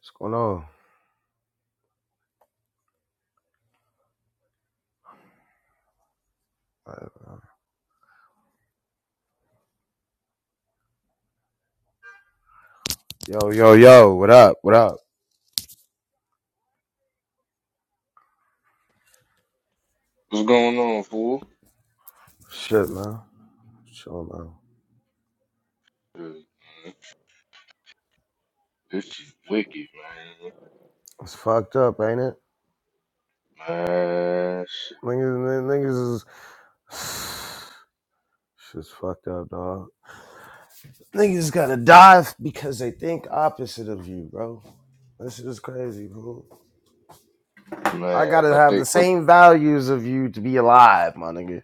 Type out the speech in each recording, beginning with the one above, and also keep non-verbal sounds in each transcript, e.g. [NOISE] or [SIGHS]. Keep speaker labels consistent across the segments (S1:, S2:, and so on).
S1: What's going on? Yo, yo, yo, what up? What up?
S2: What's going on, fool?
S1: Shit, man. Chill, man.
S2: Uh, This shit wicked, man.
S1: It's fucked up, ain't it?
S2: Man, shit,
S1: Niggas, niggas is. [SIGHS] Shit's fucked up, dog. Niggas gotta die because they think opposite of you, bro. This shit is crazy, bro. I
S2: man.
S1: gotta
S2: But
S1: have
S2: they,
S1: the
S2: but
S1: same values of you to be alive, my nigga.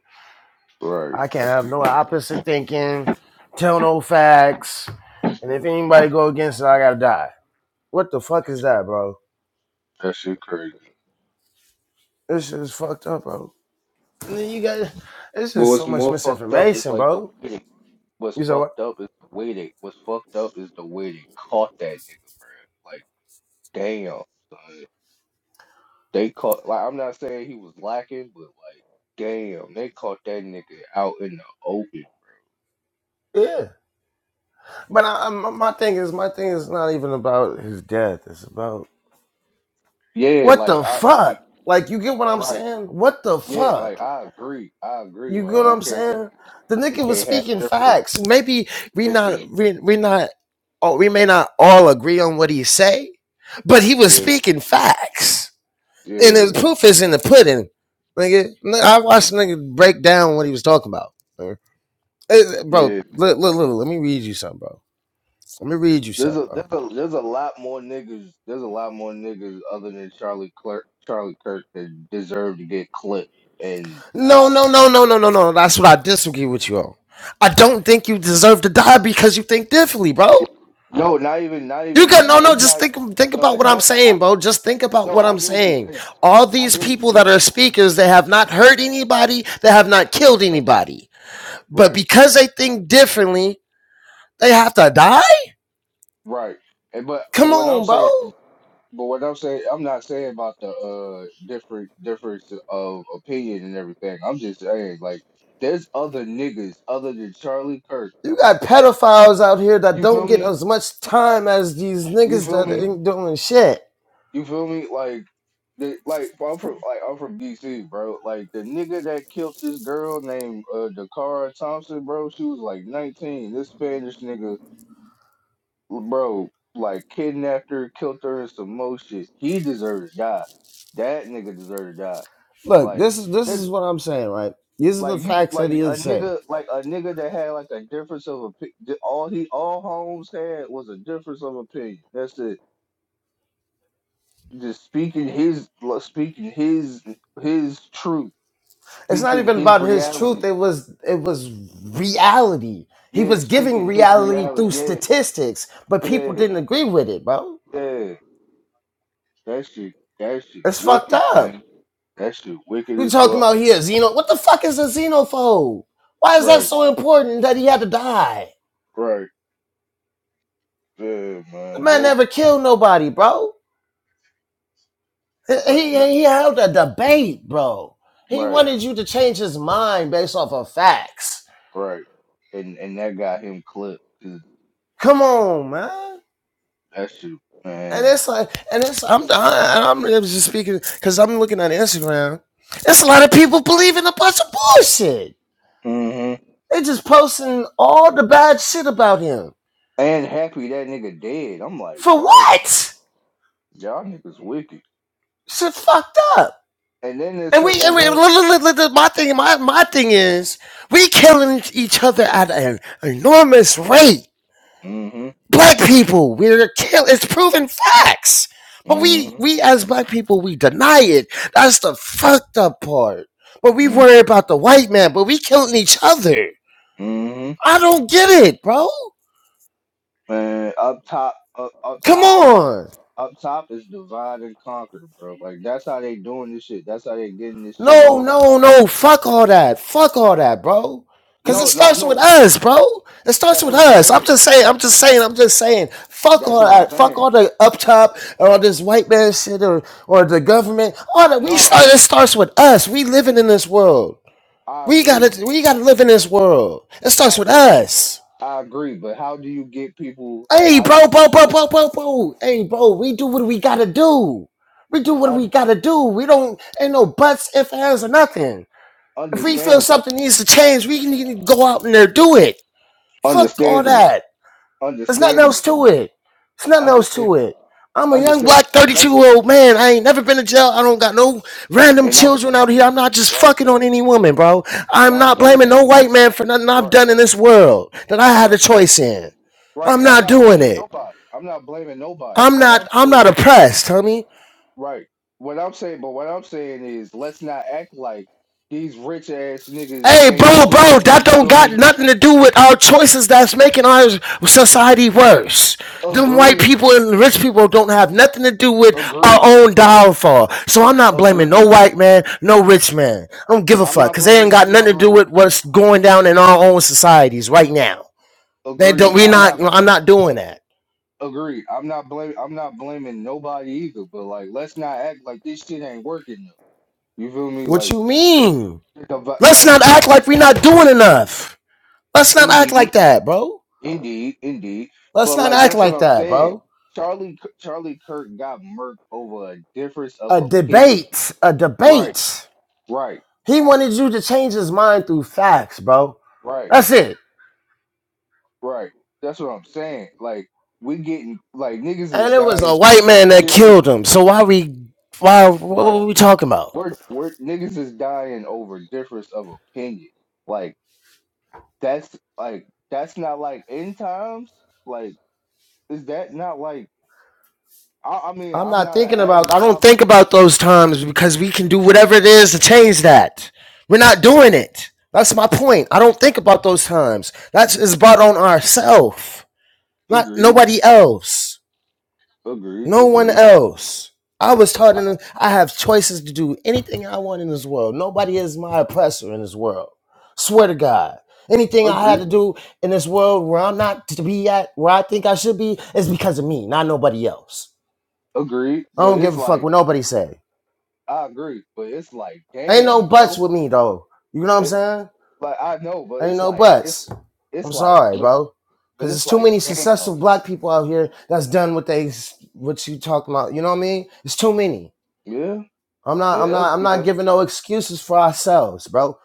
S2: right,
S1: I can't
S2: that
S1: have
S2: shit
S1: no
S2: crazy.
S1: opposite thinking, tell no facts, and if anybody go against it, I gotta die. What the fuck
S2: That
S1: is
S2: shit,
S1: that, bro?
S2: that shit crazy.
S1: This shit is fucked up, bro. You got it's
S2: But
S1: just so
S2: what's
S1: much
S2: more fucked up is
S1: misinformation,
S2: like the
S1: bro.
S2: way they, what's
S1: You said what?
S2: fucked up is the way they, what's fucked up is the way they caught that nigga, bruh. Like, damn, son. They caught. Like, I'm not saying he was lacking, but like, damn, they caught that nigga out in the open, bro.
S1: Yeah. But I, I, my my thing is, my thing is not even about his death. It's about
S2: Yeah,
S1: what
S2: like
S1: the
S2: I
S1: fuck.
S2: like.
S1: Like you get what I'm
S2: Right.
S1: saying? What the
S2: Yeah, like
S1: fuck?
S2: I agree. I agree.
S1: You get
S2: Like
S1: what
S2: we
S1: I'm
S2: can't
S1: saying?
S2: ha-
S1: The
S2: we
S1: nigga was
S2: can't have
S1: speaking
S2: different.
S1: facts. Maybe we
S2: Yeah,
S1: not we, we not or we may not all agree on what he say, but he was
S2: yeah,
S1: speaking facts. and
S2: yeah.
S1: the proof is in the pudding, nigga. I watched the nigga break down what he was talking about. nigga. Eh, bro,
S2: yeah.
S1: look, look, look, let me read you something, bro. Let me read you
S2: There's
S1: something,
S2: a
S1: bro.
S2: there's a there's a lot more niggas. There's a lot more niggas other than Charlie Clark, Charlie Kirk that deserve to get clipped. And
S1: No, no, no, no, no, no, no. That's what I disagree with you on. I don't think you deserve to die because you think differently, bro.
S2: no, not even not
S1: You got no,
S2: even.
S1: no.
S2: It's
S1: Just
S2: not.
S1: think, think
S2: No,
S1: about
S2: it's
S1: what I'm
S2: not. I,
S1: saying, bro. Just think about
S2: no,
S1: what
S2: I
S1: I'm
S2: get what you're
S1: saying.
S2: saying.
S1: All
S2: I
S1: these
S2: get what you're
S1: people that
S2: saying.
S1: are speakers, they have not hurt anybody, they have not killed
S2: Right,
S1: anybody, but
S2: right,
S1: because they think differently, they have to die.
S2: right. And but but
S1: Come
S2: what I'm
S1: on, bro.
S2: saying. But what I'm saying, I'm not saying about the uh different difference of opinion and everything. I'm just saying like there's other niggas other than Charlie Kirk.
S1: You got pedophiles out here that
S2: You
S1: don't
S2: feel
S1: get
S2: me?
S1: as much time as these
S2: You
S1: niggas
S2: feel
S1: that
S2: me?
S1: ain't doing shit.
S2: You feel me? Like the, like I'm from like I'm from DC, bro. Like the nigga that killed this girl named uh Dakara Thompson, bro. She was like 19. This Spanish nigga, bro, like kidnapped her, killed her, and some more shit. He deserves to die. That nigga deserves to die.
S1: Look,
S2: Like.
S1: this is this is what I'm saying, right? These are the
S2: Like you,
S1: facts that
S2: like
S1: he'll
S2: a
S1: say.
S2: nigga, like a nigga that had like a difference of opinion. All he, all Holmes had was a difference of opinion. That's it. Just speaking his, like, speaking his, his truth,
S1: It's not
S2: speaking
S1: even
S2: his
S1: about his truth.
S2: reality.
S1: It was it was reality. He
S2: Yeah,
S1: was giving
S2: speaking his
S1: reality
S2: reality.
S1: through
S2: Yeah,
S1: statistics, but people
S2: yeah,
S1: didn't agree with it, bro.
S2: yeah. That shit, that shit,
S1: It's fucked
S2: wicked,
S1: up.
S2: man. That shit, wicked
S1: You
S2: as
S1: talking
S2: fuck.
S1: about he a xeno? What the fuck is a xenophobe? Why is that
S2: Right,
S1: so important that he had to die?
S2: right. Yeah,
S1: The
S2: man.
S1: man
S2: That
S1: never killed nobody, bro. He,
S2: like,
S1: he
S2: no,
S1: he held a debate, bro. He
S2: right,
S1: wanted you to change his mind based off of facts.
S2: right. And and that got him clipped. 'cause
S1: Come on, man.
S2: That shit,
S1: And
S2: man.
S1: it's like, and it's I'm I, I'm just speaking because I'm looking at Instagram. It's a lot of people believing a bunch of bullshit.
S2: hmm
S1: They just posting all the bad shit about him
S2: And happy that nigga dead. I'm like,
S1: for
S2: bro,
S1: what?
S2: y'all niggas wicked.
S1: Shit fucked up.
S2: And then there's
S1: And we, and
S2: certain and
S1: we
S2: then
S1: my thing, my my thing is we killing each other at an enormous rate
S2: hmm
S1: black people. We're kill. It's proven facts. But
S2: hmm
S1: we, we as black people, we deny it. That's the fucked up part. But we
S2: hmm
S1: worry about the white man, but we killing each other.
S2: hmm
S1: I don't get it, bro.
S2: And up top up up
S1: Come
S2: top
S1: on.
S2: up top is divide and conquer, bro. Like that's how they doing this shit. That's how they getting this shit
S1: No,
S2: off.
S1: no, no. Fuck all that. Fuck all that, bro. Cause it
S2: No, no,
S1: starts with
S2: no.
S1: us, bro. It starts
S2: That's
S1: with
S2: what I'm
S1: us. I'm
S2: saying.
S1: just saying, I'm just saying, I'm just saying. Fuck
S2: That's
S1: all
S2: what I'm
S1: that. Fuck
S2: saying.
S1: all the up top or all this white man shit or or the government. All that we
S2: No,
S1: start it starts with us. We living in this world.
S2: I
S1: We
S2: agree.
S1: gotta we gotta live in this world. It starts
S2: I
S1: with
S2: agree.
S1: us.
S2: I agree. But how do you get people like
S1: Hey
S2: how do you
S1: bro, bro, bro,
S2: get
S1: bro, bro, bro. Hey bro, we do what we gotta do. We do what
S2: un-
S1: we gotta do. We don't ain't no buts, ifs, ands, or nothing. If we feel
S2: understandable?
S1: something needs to change, we can go out and there do it. Fuck all
S2: Understandable.
S1: that. There's nothing else
S2: Understandable.
S1: to it. There's nothing else to
S2: Understandable.
S1: it. I'm a young
S2: Understandable.
S1: black 32
S2: That's
S1: year old man. I ain't
S2: right.
S1: never been to jail. I don't got no random
S2: And I'm
S1: children out here. I'm not just
S2: right.
S1: fucking on any woman, bro.
S2: And
S1: I'm
S2: I'm
S1: not blaming
S2: 30.
S1: no white man for nothing I've
S2: Right.
S1: done in this world that I had a
S2: Right.
S1: choice in.
S2: Right.
S1: I'm
S2: And I'm
S1: not
S2: not
S1: doing
S2: blaming
S1: it.
S2: nobody. I'm not blaming nobody.
S1: I'm
S2: What
S1: not.
S2: I'm
S1: I'm not
S2: saying is
S1: oppressed, homie.
S2: right. What I'm saying, but what I'm saying is let's not act like these rich ass niggas
S1: Hey,
S2: ain't
S1: bro, bro,
S2: doing it.
S1: that
S2: You
S1: don't
S2: feel
S1: got
S2: me?
S1: nothing to do with our choices that's making our society worse. Them white
S2: Agreed.
S1: people and rich people don't have nothing to do with our
S2: Agreed.
S1: own downfall. So I'm not blaming no
S2: Agreed.
S1: white man, no rich man. I don't give a
S2: I'm
S1: fuck
S2: not
S1: because they ain't
S2: blaming
S1: got
S2: I'm
S1: nothing
S2: not
S1: to do
S2: blaming
S1: with what's going down in our own societies right now. They don't.
S2: agreed.
S1: We
S2: I'm
S1: not.
S2: not
S1: I'm not doing that.
S2: agreed. I'm not blaming I'm not blaming nobody either, but like let's not act like this shit ain't working You feel me?
S1: What
S2: Like,
S1: you mean?
S2: the vi-
S1: Let's
S2: like
S1: not act like we're not doing enough. Let's not act
S2: indeed,
S1: like that, bro.
S2: indeed, indeed.
S1: Let's
S2: But
S1: not
S2: like
S1: act
S2: that's what
S1: like
S2: I'm
S1: that,
S2: saying.
S1: bro.
S2: Charlie K- Charlie Kirk got murked over a difference of
S1: A
S2: opinion.
S1: debate, a
S2: Right,
S1: debate.
S2: right,
S1: He wanted you to change his mind through facts, bro.
S2: right,
S1: That's it.
S2: right. That's what I'm saying. Like we getting like niggas is
S1: And it was a
S2: dying
S1: white
S2: over
S1: man that
S2: difference.
S1: killed him. So why we, why, what
S2: Right.
S1: were we talking about?
S2: We're we're niggas is dying over difference of opinion. Like that's like that's not like end times. Like is that not like I, I mean
S1: I'm
S2: I'm
S1: not
S2: not an
S1: thinking about.
S2: avid
S1: I don't
S2: Bible.
S1: think about those times because we can do whatever it is to change that. We're not doing it. That's my point. I don't think about those times. That is brought on ourselves, not
S2: Agreed.
S1: nobody else.
S2: Agreed.
S1: No one
S2: Agreed.
S1: else. I was taught
S2: I
S1: in, I have choices to do anything I want in this world. Nobody is my oppressor in this world. Swear to God. Anything I had
S2: agree.
S1: to do in this world where I'm not to be at, where I think I should be, is because of me, not nobody else.
S2: Agreed.
S1: I don't
S2: But
S1: give
S2: it's
S1: a fuck
S2: like
S1: what nobody say.
S2: I agree. But it's like,
S1: Ain't no
S2: damn,
S1: buts
S2: bro.
S1: with me though. You know what I'm
S2: It
S1: saying?
S2: like I know, but
S1: Ain't
S2: it's
S1: no
S2: like it's
S1: buts.
S2: it's
S1: I'm
S2: like
S1: sorry,
S2: but
S1: bro.
S2: but
S1: Cause
S2: it's
S1: there's too
S2: like,
S1: many
S2: damn.
S1: successful black people out here that's done what they what you talking about. You know what I mean? It's too many.
S2: Yeah.
S1: I'm not
S2: Yeah.
S1: I'm not I'm not
S2: yeah.
S1: giving no excuses for ourselves, bro.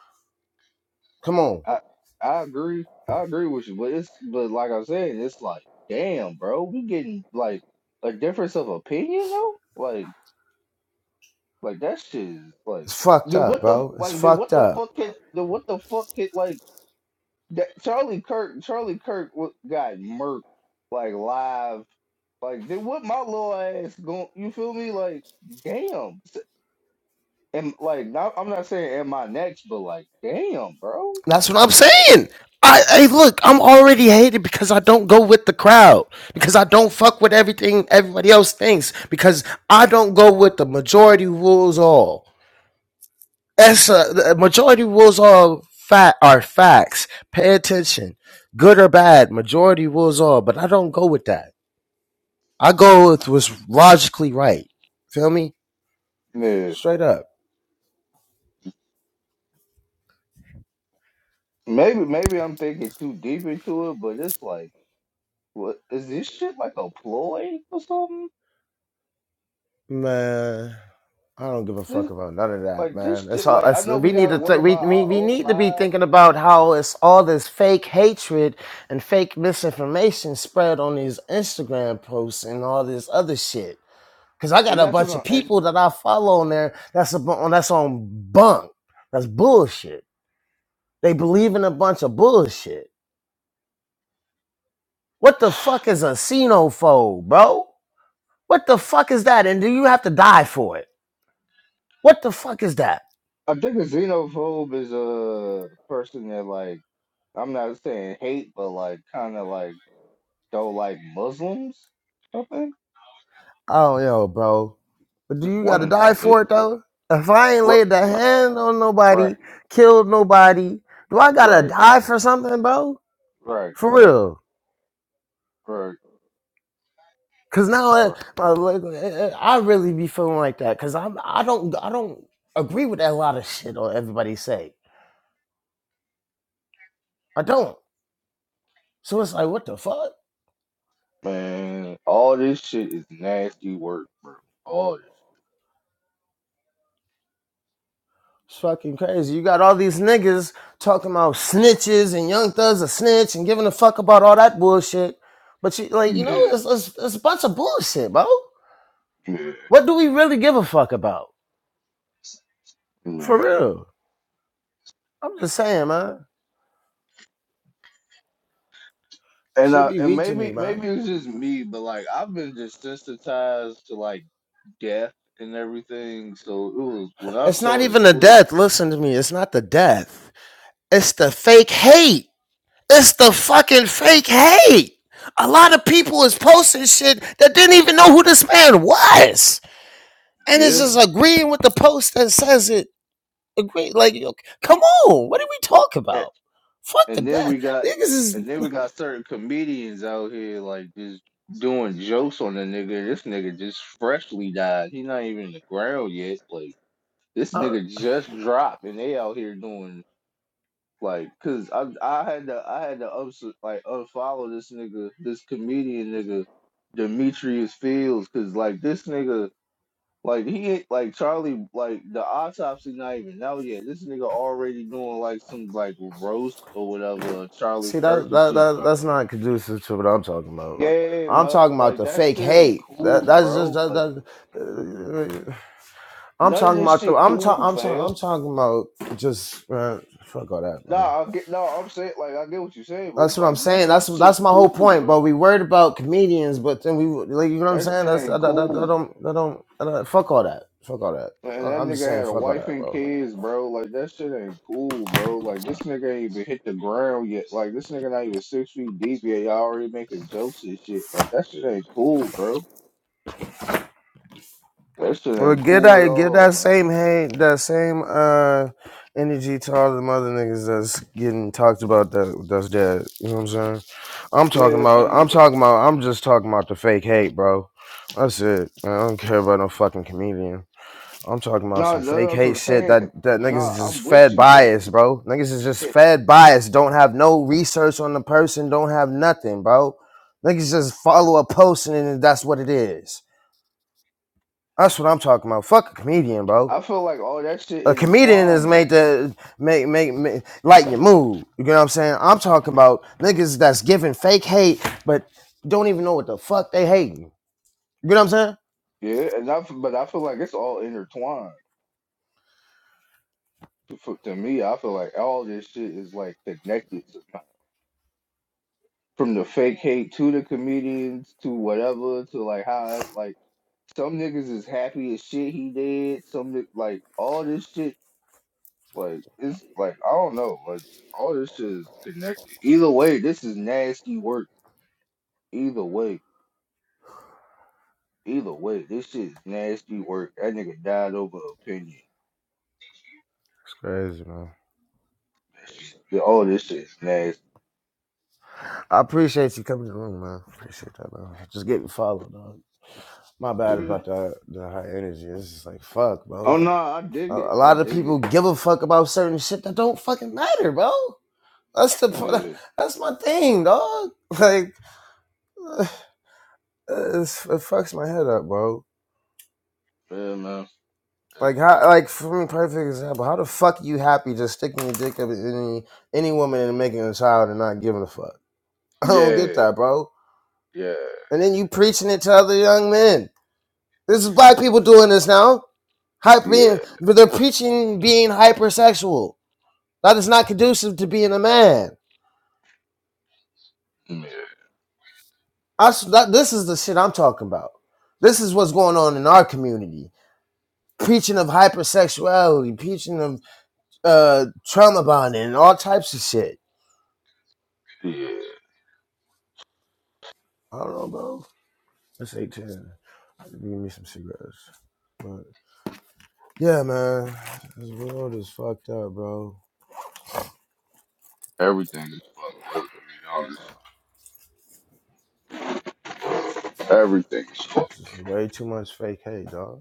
S1: Come on.
S2: I I agree. I agree with you. But it's but like I'm saying, it's like, damn, bro. We getting like a difference of opinion though. Like like that shit is like.
S1: It's fucked
S2: Then
S1: up,
S2: what the
S1: bro. It's
S2: like? Then
S1: fucked
S2: what the
S1: up.
S2: fuck can? Then what the fuck can like? That Charlie Kirk, Charlie Kirk wa- got murked like live. Like, then what my little ass going? You feel me? Like, damn. And like, not, I'm not saying am I next, but like, damn, bro.
S1: That's what I'm saying. I hey look, I'm already hated because I don't go with the crowd. Because I don't fuck with everything everybody else thinks. Because I don't go with the majority rules all. That's a, the uh, majority rules all fat are facts. Pay attention. Good or bad, majority rules all, but I don't go with that. I go with what's logically right. Feel me?
S2: Yeah.
S1: Straight up.
S2: Maybe, maybe I'm thinking too deep into it, but it's like, what is this shit like a ploy or something?
S1: Man, I don't give a fuck
S2: This,
S1: about none of that,
S2: like
S1: man.
S2: this
S1: That's
S2: shit,
S1: all.
S2: like I
S1: That's,
S2: know
S1: we
S2: we
S1: need
S2: gotta
S1: to th-
S2: worry
S1: we,
S2: about
S1: we
S2: our
S1: we
S2: own
S1: need to be
S2: lives,
S1: thinking about how it's all this fake hatred and fake misinformation spread on these Instagram posts and all this other shit. Cause I got
S2: and
S1: a
S2: that's
S1: bunch of
S2: what I'm, and
S1: people that I follow on there. That's a bu- on that's on bunk. That's bullshit. They believe in a bunch of bullshit. What the fuck is a xenophobe, bro? What the fuck is that? And do you have to die for it? What the fuck is that?
S2: I think a xenophobe is a person that like. I'm not saying hate, but like kind of like don't like Muslims. I think
S1: Oh yo, bro. But do
S2: it's
S1: you
S2: one
S1: gotta
S2: of them
S1: die
S2: shit.
S1: for it though? If I ain't
S2: Right,
S1: laid a
S2: right,
S1: hand on nobody,
S2: right,
S1: killed nobody, do I gotta die for something, bro?
S2: right,
S1: For real.
S2: right,
S1: Cause now I,
S2: right.
S1: I like, I I really be feeling like that. Cause I'm I don't I don't agree with that lot of shit on everybody say. I don't. So it's like what the fuck?
S2: Man, all this shit is nasty work, bro. All
S1: It's fucking crazy. You got all these niggas talking about snitches and young thugs a snitch and giving a fuck about all that bullshit. But you like, you
S2: this.
S1: know,
S2: Yeah,
S1: it's, it's it's a bunch of bullshit, bro.
S2: yeah,
S1: What do we really give a fuck about? For
S2: yeah.
S1: real. I'm just saying, man.
S2: And
S1: Should
S2: uh,
S1: be
S2: and
S1: weak to me,
S2: maybe
S1: man.
S2: maybe it's just me, but like I've been desensitized to like death and everything. So it was when I
S1: It's not
S2: saw the
S1: even the
S2: clip.
S1: death. Listen to me. It's not the death. It's the fake hate. It's the fucking fake hate. A lot of people is posting shit that didn't even know who this man was. and it's
S2: Yeah.
S1: just agreeing with the post that says it. Agree, like, yo, come on, what are we talk
S2: and,
S1: about? Fuck the
S2: And then
S1: death.
S2: we got
S1: Niggas is
S2: and then we got certain comedians out here like just doing jokes on the nigga. This nigga just freshly died. He not even in the ground yet. Like this
S1: uh,
S2: nigga just dropped and they out here doing like cause I I had to I had to ups, like unfollow this nigga, this comedian nigga, Demetrius Fields, cause like this nigga like he ain't like Charlie like the autopsy not even out yet. This nigga already doing like some like roast or whatever Charlie
S1: see
S2: Kirk
S1: that,
S2: and
S1: that
S2: shit
S1: that
S2: trying to
S1: that's
S2: like
S1: not conducive to what I'm talking about.
S2: Yeah,
S1: I'm
S2: man.
S1: talking about
S2: like
S1: the
S2: that
S1: fake
S2: shit ain't
S1: hate. That
S2: cool,
S1: that's just
S2: bro.
S1: that,
S2: Like
S1: that uh, I'm
S2: none of
S1: talking
S2: this
S1: about the
S2: shit
S1: I'm talking
S2: cool,
S1: I'm
S2: fam.
S1: talking I'm talking about just man, fuck all that man.
S2: Nah, I get no, I'm saying like I get what you're saying, but
S1: That's
S2: it's
S1: what I'm
S2: like none of
S1: saying. That's
S2: this shit
S1: that's my whole
S2: cool,
S1: point. But
S2: bro.
S1: we worried about comedians, but then we like you know what I'm
S2: That
S1: saying.
S2: shit
S1: That's I,
S2: ain't
S1: that, that,
S2: cool.
S1: don't I don't, I don't fuck all that. Fuck all that.
S2: Man,
S1: I,
S2: that
S1: I'm just
S2: nigga
S1: saying
S2: had a
S1: fuck all
S2: wife
S1: that,
S2: and
S1: bro.
S2: kids, bro. Like that shit ain't cool, bro. Like this nigga ain't even hit the ground yet. Like this nigga not even six feet deep yet. Y'all already making jokes and shit. Like that shit ain't cool, bro. That shit
S1: Well,
S2: ain't
S1: give
S2: cool at
S1: that give
S2: all,
S1: that
S2: man.
S1: same hate, that same uh energy to all the mother niggas that's getting talked about that that's dead. You know what I'm saying? I'm talking
S2: Yeah,
S1: about.
S2: man.
S1: I'm
S2: Like,
S1: talking about. I'm just talking about the fake hate, bro. That's it. Man, I don't care about no fucking comedian. I'm talking about
S2: nah,
S1: some fake
S2: that's what
S1: hate
S2: I'm
S1: shit that
S2: saying.
S1: that niggas is
S2: Nah,
S1: just
S2: I'm with
S1: fed
S2: you. Like,
S1: bias, bro. Niggas is just
S2: yeah,
S1: fed bias. Don't have no research on the person. Don't have nothing, bro. Niggas just follow a post and then that's what it is. That's what I'm talking about. Fuck a comedian, bro.
S2: I feel like all that shit
S1: A comedian is
S2: intertwined
S1: made
S2: though.
S1: to make make, make lighten your mood. You know what I'm saying? I'm talking about niggas that's giving fake hate, but don't even know what the fuck they hating. You know what I'm saying?
S2: Yeah, and I f- but I feel like it's all intertwined. To, for- to me, I feel like all this shit is like connected. from the fake hate to the comedians to whatever to like how like some niggas is happy as shit he did. Some ni- like all this shit like it's like I don't know like all this shit is connected. Either way, this is nasty work. Either way, either way, this shit is nasty work. That nigga died over opinion.
S1: It's crazy, man.
S2: yeah, All this shit is nasty.
S1: I appreciate you coming to the room, man. Appreciate that, man. Just getting followed, dog. My bad
S2: Yeah.
S1: about the the high energy. It's just like fuck, bro.
S2: Oh no, I
S1: A,
S2: dig it.
S1: a
S2: I
S1: lot of
S2: dig it.
S1: people give a fuck about certain shit that don't fucking matter, bro. That's the pro-
S2: Yeah,
S1: [LAUGHS] that's my thing, dog. [LAUGHS] Like [SIGHS] it's, it fucks my head up, bro.
S2: yeah, man.
S1: Like how like for me, perfect example. How the fuck you happy just sticking your dick up in any any woman and making a child and not giving a fuck? [LAUGHS] I don't get
S2: Yeah,
S1: that, bro.
S2: yeah,
S1: And then you preaching it to other young men. This is black people doing this now. Hyper
S2: yeah,
S1: being, they're preaching being hypersexual. That is not conducive to being a man.
S2: yeah.
S1: I s that, this is the shit I'm talking about. This is what's going on in our community. Preaching of hypersexuality, preaching of uh, trauma bonding, and all types of shit.
S2: yeah.
S1: I don't know, bro. That's 810. Give me some cigarettes. But yeah, man, this world is fucked up, bro.
S2: Everything is fucked up. To be honest, everything is fucked.
S1: This is way too much fake hate, dog.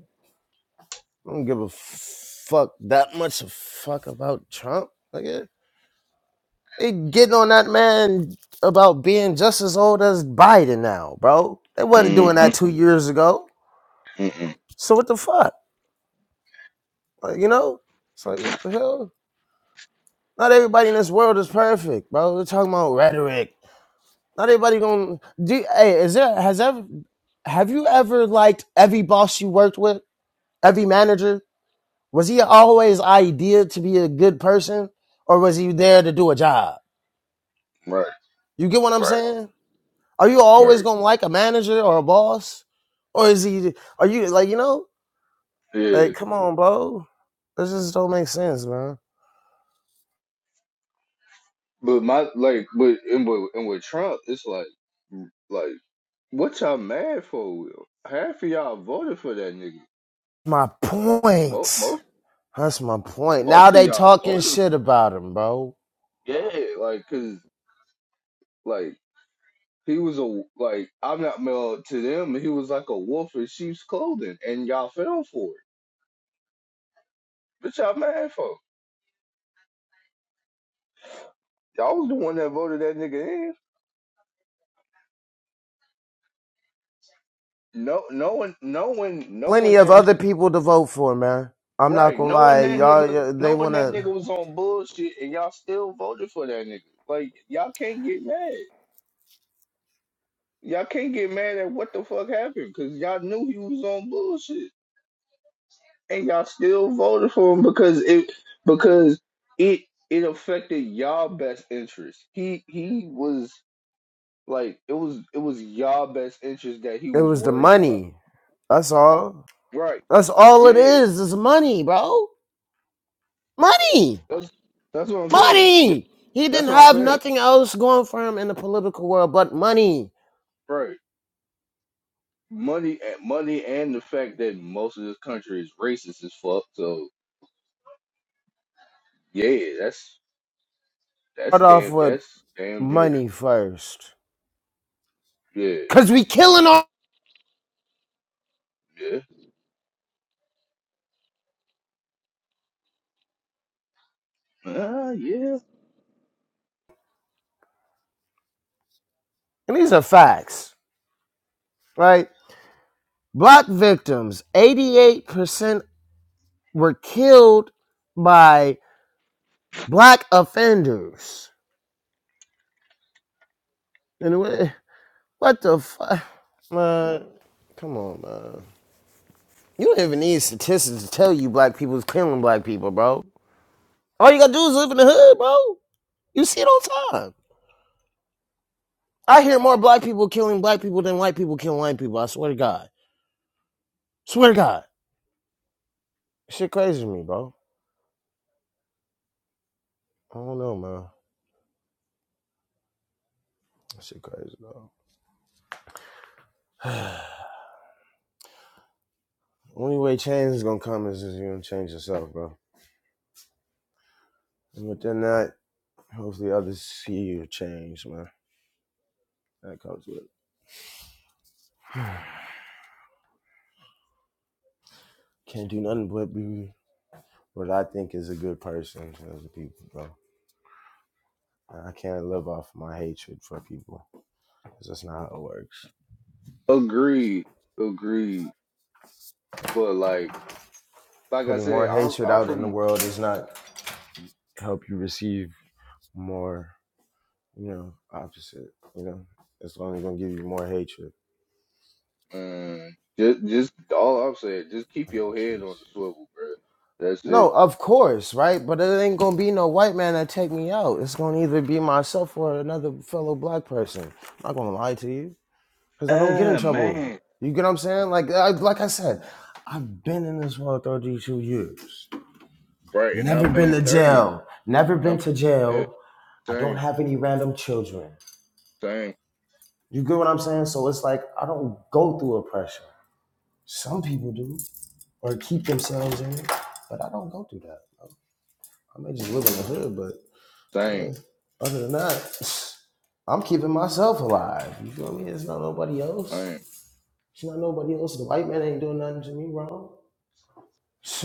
S1: I don't give a fuck that much a fuck about Trump. Like, They getting on that man about being just as old as Biden now, bro. They wasn't doing
S2: Mm-hmm.
S1: that two years ago.
S2: Mm-mm.
S1: So what the fuck? Like, you know? It's like what the hell? Not everybody in this world is perfect, bro. We're talking about rhetoric. Not everybody gonna do hey, is there has ever have you ever liked every boss you worked with? Every manager? Was he always idea to be a good person? Or was he there to do a job?
S2: Right.
S1: You get what I'm
S2: Right.
S1: saying? Are you always
S2: Right.
S1: gonna like a manager or a boss, or is he? Are you like you know?
S2: Yeah.
S1: Like, come on, bro. This just don't make sense, man.
S2: But my like, but and with and with Trump, it's like, like, what y'all mad for? Will? Half of y'all voted for that nigga.
S1: My
S2: Most
S1: point.
S2: most
S1: That's my point. Now
S2: most of
S1: they
S2: y'all
S1: talking
S2: voted.
S1: shit
S2: For,
S1: about him, bro.
S2: yeah. Like, cause like he was a like I'm not male to them. He was like a wolf in sheep's clothing, and y'all fell for it. But y'all mad for? Y'all was the one that voted that nigga in. No, knowing, knowing,
S1: Plenty
S2: knowing
S1: of
S2: that
S1: other
S2: nigga,
S1: people to vote for, man. I'm not
S2: right?
S1: gonna
S2: Knowing
S1: lie,
S2: that
S1: y'all.
S2: nigga,
S1: They
S2: knowing that nigga
S1: wanna.
S2: was on bullshit, and y'all still voted for that nigga. Like y'all can't get mad. Y'all can't get mad at what the fuck happened because y'all knew he was on bullshit, and y'all still voted for him because it because it it affected y'all best interest. He he was like it was it was y'all best interest that he
S1: It
S2: was
S1: was the
S2: worried about.
S1: money. That's all.
S2: Right?
S1: That's all it
S2: Yeah.
S1: is. Is money, bro. Money.
S2: That's that's what I'm saying.
S1: Money. He didn't
S2: That's what I'm
S1: have
S2: saying.
S1: nothing else going for him in the political world but money.
S2: Right, Money, eh, money, and the fact that most of this country is racist as fuck. So yeah, that's that's
S1: Start off
S2: damn,
S1: with
S2: that's damn near,
S1: money first,
S2: yeah,
S1: cause we killing all.
S2: yeah, ah, yeah.
S1: And these are facts, right? Black victims, eighty-eight percent were killed by black offenders. And what the fuck, man? Come on, man. You don't even need statistics to tell you black people is killing black people, bro. All you gotta do is live in the hood, bro. You see it all the time. I hear more black people killing black people than white people killing white people. I swear to God. Swear to God. Shit crazy to me, bro. I don't know, man. Shit crazy, bro. [SIGHS] Only way change is gonna come is if you gonna change yourself, bro. And within that, hopefully others see your change, man. That comes with it. Can't do nothing but be what I think is a good person to other people, bro. I can't live off my hatred for people. people. 'cause that's not how it works.
S2: Agreed, agreed. But like, like I
S1: Putting
S2: said,
S1: more
S2: I'm
S1: hatred
S2: I'm
S1: out in the
S2: from,
S1: world does not help you receive more you know, opposite. You know, it's only gonna give you more hatred.
S2: um, just just all I'm saying, just
S1: I
S2: keep your
S1: don't
S2: head
S1: kiss.
S2: on the swivel, bro. That's it.
S1: No, of course, right? But it ain't gonna be no white man that take me out. It's gonna either be myself or another fellow black person. I'm not gonna lie to you, cause I don't get in
S2: Ah
S1: trouble.
S2: man,
S1: You get what I'm saying? Like, I, like I said, I've been in this world 32 years.
S2: right. And
S1: Never
S2: I've
S1: been
S2: been
S1: to
S2: thirty.
S1: jail. Never
S2: And
S1: been
S2: I'm
S1: to
S2: yeah,
S1: jail. I don't
S2: same,
S1: have any random children.
S2: same,
S1: You get what I'm saying? So it's like I don't go through oppression. Some people do. or keep themselves in it. But I don't go through that. I may just live in the hood, but
S2: same,
S1: yeah, other than that, [SIGHS] I'm keeping myself alive. You feel me? It's not nobody
S2: same.
S1: else. It's not nobody else. The white man ain't doing nothing to me wrong. [SIGHS] [LAUGHS]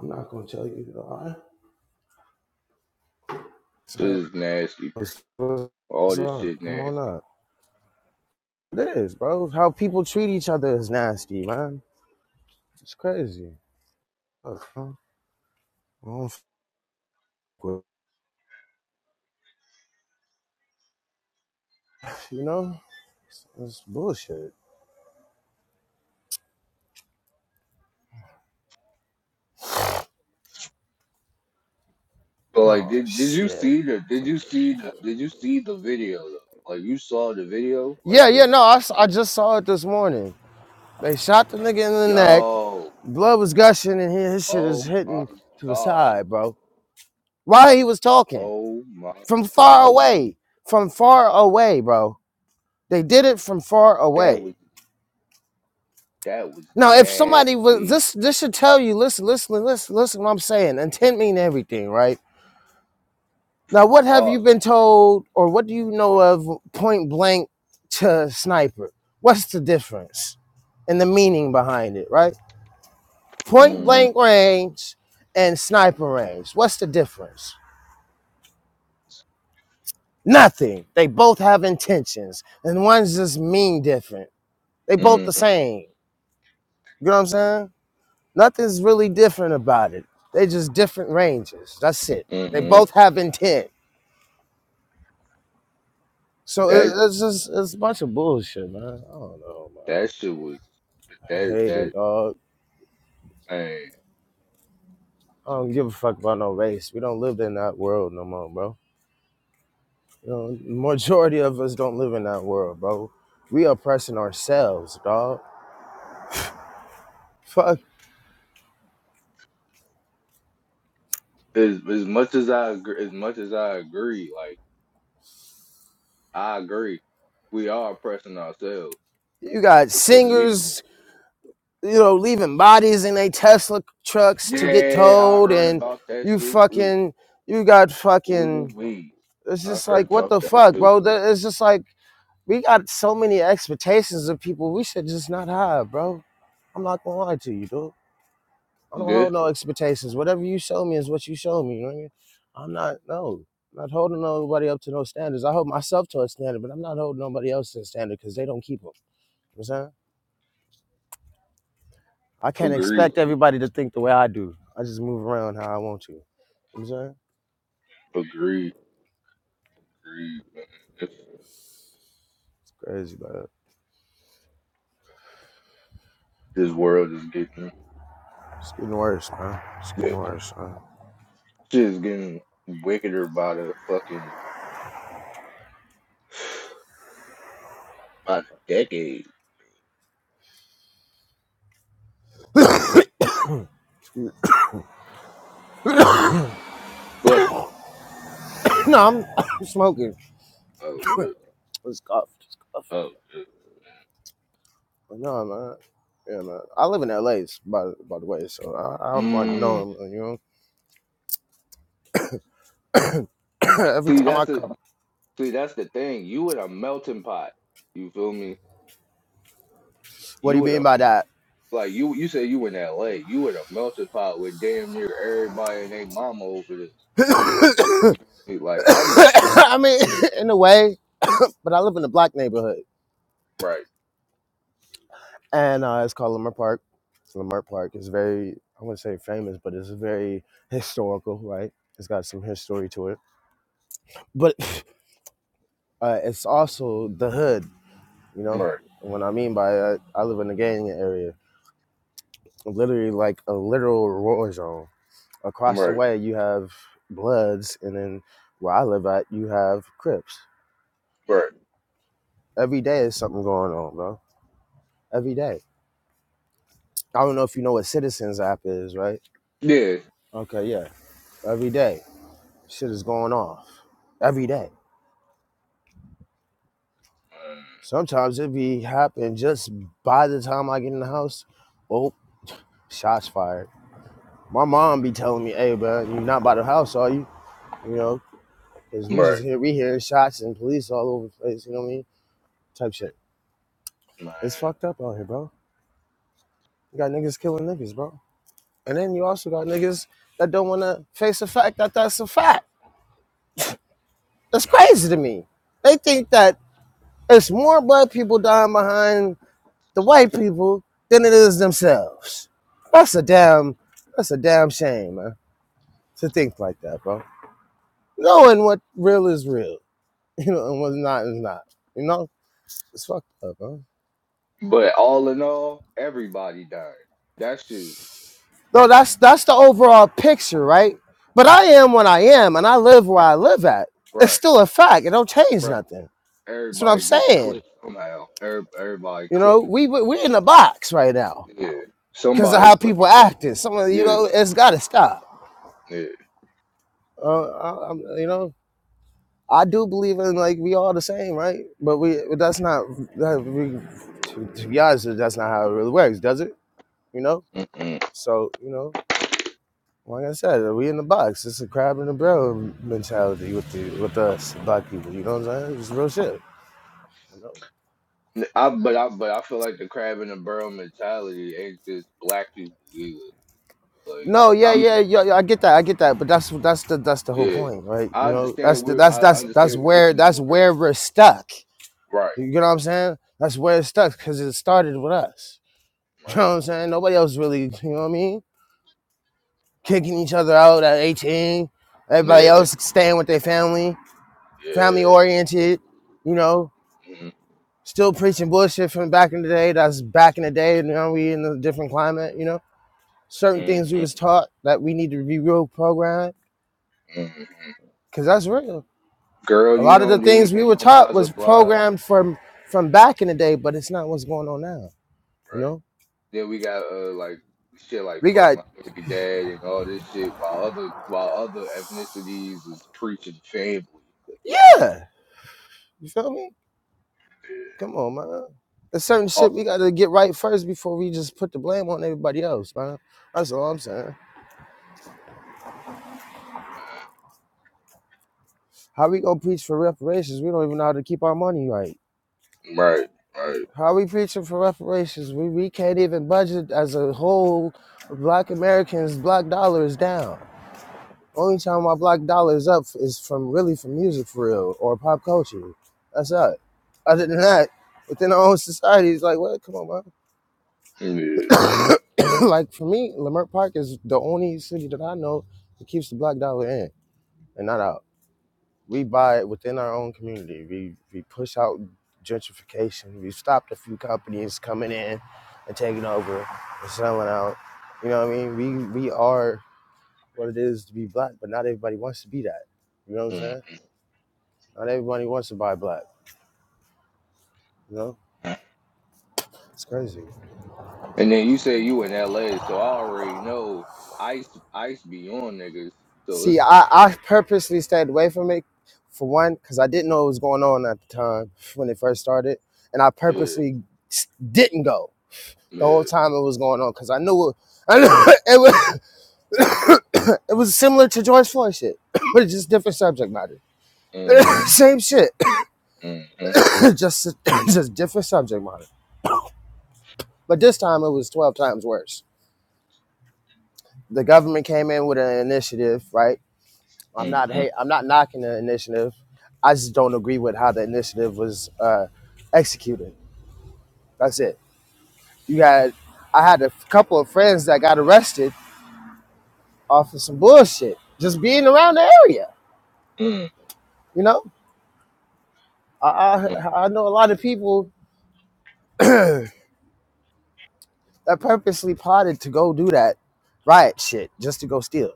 S1: I'm not gonna tell you to lie.
S2: This
S1: Same.
S2: is nasty, bro.
S1: What's
S2: All
S1: what's
S2: this
S1: up?
S2: shit
S1: Come
S2: nasty.
S1: on up. It is, bro. How people treat each other is nasty, man. It's crazy. Fuck, huh? I don't fuck with- You know, it's bullshit.
S2: But like,
S1: Oh
S2: did did you
S1: shit.
S2: see the did you see the did you see the video though? Like, you saw the video? Like
S1: Yeah, yeah,
S2: the
S1: no, I, s- I just saw it this morning. They shot the nigga in the neck.
S2: yo,
S1: Blood was gushing, and his, his shit is
S2: oh my
S1: hitting to the
S2: god,
S1: side, bro. While he was talking,
S2: oh my
S1: from far
S2: god,
S1: away, from far away, bro. They did it from far
S2: that
S1: away.
S2: was that was
S1: Now, if somebody was
S2: nasty.
S1: this, this should tell you. Listen, listen, listen, listen. What I'm saying, intent mean everything, right? Now, what have you
S2: Fuck.
S1: been told, or what do you know of point blank to sniper? What's the difference? and the meaning behind it, right? point
S2: Mm-hmm,
S1: blank range and sniper range. What's the difference? Nothing. They both have intentions, and one's just mean different. They both the
S2: mm-hmm,
S1: same. You know what I'm saying? Nothing's really different about it. They just different ranges. That's it. They
S2: mm-hmm.
S1: both have intent. So
S2: That
S1: it's just it's a bunch of bullshit, man. I don't know, man.
S2: that shit was
S1: I
S2: that
S1: hate it,
S2: that
S1: dog.
S2: man.
S1: I don't give a fuck about no race. We don't live in that world no more, bro. You know, majority of us don't live in that world, bro. We oppressing ourselves, dog. Fuck.
S2: As as much as I agree, as much as I agree, like I agree, we are oppressing ourselves
S1: You got
S2: because we
S1: singers, you know, leaving bodies in their Tesla trucks to get
S2: Yeah, I
S1: towed,
S2: heard
S1: and
S2: about that
S1: you
S2: shit too.
S1: fucking, you got
S2: Ooh
S1: fucking.
S2: me,
S1: It's
S2: I
S1: just
S2: heard
S1: like, what
S2: about
S1: the
S2: that
S1: fuck,
S2: too.
S1: bro? That- It's just like we got so many expectations of people we should just not have, bro. I'm not gonna lie to you, dude. I don't
S2: Yeah,
S1: hold no expectations. Whatever you show me is what you show me. You know what I mean? I'm not no, I'm not holding nobody up to no standards. I hold myself to a standard, but I'm not holding nobody else to a standard because they don't keep them. You know what I'm saying? I can't
S2: agree,
S1: expect everybody to think the way I do. I just move around how I want to. You know what I'm saying?
S2: agree, agree. This,
S1: It's crazy, but
S2: this world is getting
S1: it's getting worse, man. It's getting worse, man.
S2: shit is getting wickeder by the fucking by the decade.
S1: [COUGHS]
S2: Bless you.
S1: no, I'm [COUGHS] I'm smoking.
S2: Oh, shit.
S1: It's cough. It's cough.
S2: oh.
S1: But no, man. Yeah, man. I live in LA, by, by the way, so I, I'm already know
S2: Mm.
S1: him. You know, [COUGHS] every
S2: See,
S1: time I
S2: that's
S1: come.
S2: the see, that's the thing. You in a melting pot. You feel me?
S1: What do you
S2: You in
S1: mean
S2: a
S1: by that?
S2: like you you say you in L.A. You in a melting pot with damn near everybody and they mama over this. You feel me? Like
S1: [COUGHS]
S2: I'm
S1: I mean, [LAUGHS] in a way, [COUGHS] but I live in a black neighborhood,
S2: Right,
S1: and uh, it's called Lamar Park. Lamar Park is very, I wouldn't say famous, but it's very historical, right? It's got some history to it, but [COUGHS] [LAUGHS] uh, it's also the hood, you know.
S2: right,
S1: And what I mean by that, I live in a gang area, literally like a literal war zone. Across the
S2: right,
S1: way, you have Bloods, and then where I live at, you have Crips.
S2: right.
S1: Every day is something going on, bro every day. I don't know if you know what Citizens app is, right?
S2: Yeah,
S1: Okay, yeah. Every day, shit is going off. Every day.
S2: Mm,
S1: Sometimes it be happen just by the time I get in the house. Oh, shots fired. My mom be telling me, "Hey, bro, you not by the house, are you? You know, because we just
S2: right,
S1: hear we hearing shots and police all over the place. You know what I mean? Type shit.
S2: right,
S1: It's fucked up out here, bro. You got niggas killing niggas, bro. And then you also got niggas that don't want to face the fact that that's a fact. That's
S2: right.
S1: crazy to me. They think that It's more black people dying behind the white people than it is themselves. That's a damn that's a damn shame, man. To think like that, bro. Knowing what real is real, [LAUGHS] you know, and what's not is not. You know? It's fucked up, bro.
S2: But all in all, everybody died. That's just
S1: No, that's that's the overall picture, right? But I am what I am and I live where
S2: right,
S1: I live at. It's
S2: right,
S1: still a fact. It don't change
S2: right.
S1: nothing. That's what I'm
S2: Everybody getting
S1: saying.
S2: clipped somehow. Every, everybody
S1: You know,
S2: clipping.
S1: we we- we're in a box right now
S2: Yeah,
S1: because of
S2: somebody
S1: how people
S2: clipping. Something.
S1: acting. Some of you
S2: Yeah,
S1: know, it's gotta stop.
S2: yeah.
S1: Uh, I, I'm, you know, I do believe in like we all the same, right? But we that's not that we, to, to be honest, that's not how it really works, does it? You know.
S2: Mm-mm.
S1: So you know, like I said, we in the box. It's a crab in a barrel mentality with the with us black people. You know what I'm saying? It's real shit. You know.
S2: N- I but I but I feel like the crab in the barrel mentality ain't just black people either. Like
S1: No, yeah,
S2: I'm
S1: yeah, yeah, yeah, I get that, I get that, but that's that's the that's the whole
S2: yeah.
S1: point, right? You
S2: I
S1: know, that's
S2: understand
S1: the,
S2: we
S1: that's
S2: I I
S1: that's that's
S2: understand it's
S1: where that's
S2: more
S1: where we're stuck.
S2: right,
S1: You get what I'm saying? That's where it's stuck because it started with us. [LAUGHS] You know
S2: right.
S1: what I'm saying? Nobody else really, you know what I mean? Kicking each other out at 18. Everybody
S2: Yeah,
S1: else staying with their family, family
S2: yeah.
S1: oriented, you know,
S2: Mhm,
S1: still preaching bullshit from back in the day. That's back in the day. You know, we in a different climate, you know. Certain things we
S2: mhm,
S1: was taught that we need to be real programmed,
S2: mhm.
S1: because that's real. A
S2: Girl, you
S1: lot of the
S2: don't
S1: things
S2: need
S1: we were
S2: him,
S1: taught
S2: blah, blah,
S1: was
S2: blah.
S1: programmed from from back in the day, but it's not what's going on now. You
S2: Right.
S1: know?
S2: Then we got, uh, like, shit like,
S1: We
S2: fuck
S1: got
S2: my baby dad and all this shit, while other, while other ethnicities is preaching family.
S1: yeah. You feel me? Come on, man. There's certain shit we
S2: Oh,
S1: gotta get right first before we just put the blame on everybody else, man. That's all I'm saying. How we gonna preach for reparations? We don't even know how to keep our money right.
S2: right, right.
S1: How we preaching for reparations? We we can't even budget as a whole. Black Americans, black dollar is down. Only time my black dollar is up is from really from music for real or pop culture. That's it. Other than that, within our own society, it's like, what? Come on, man.
S2: Yeah.
S1: [COUGHS] like for me, Leimert Park is the only city that I know that keeps the black dollar in and not out. We buy it within our own community. We we push out gentrification. We stopped a few companies coming in and taking over and selling out. You know what I mean? We we are what it is to be black, but not everybody wants to be that. You know what I'm
S2: Mhm.
S1: saying? Not everybody wants to buy black. You know, it's crazy.
S2: And then you say you in LA, so I already know ice, ice be on niggas. So
S1: See,
S2: it's,
S1: I, I purposely stayed away from it for one, because I didn't know what was going on at the time when it first started. And I
S2: yeah,
S1: purposely s- didn't go the whole
S2: yeah.
S1: time it was going on because I knew it, I knew [COUGHS] it was [COUGHS] it was similar to George Floyd shit, [COUGHS] but it's just different subject matter. [COUGHS]
S2: Mm,
S1: Same shit,
S2: mm, mm,
S1: [COUGHS] just [COUGHS] just different subject matter. But this time it was twelve times worse. The government came in with an initiative, right? I'm
S2: mm,
S1: not
S2: mm,
S1: hate. I'm not knocking the initiative. I just don't agree with how the initiative was uh, executed. That's it. You had I had a couple of friends that got arrested off of some bullshit just being around the area.
S2: mm,
S1: You know, I
S2: mm,
S1: I, I know a lot of people that purposely plotted to go do that riot shit just to go steal.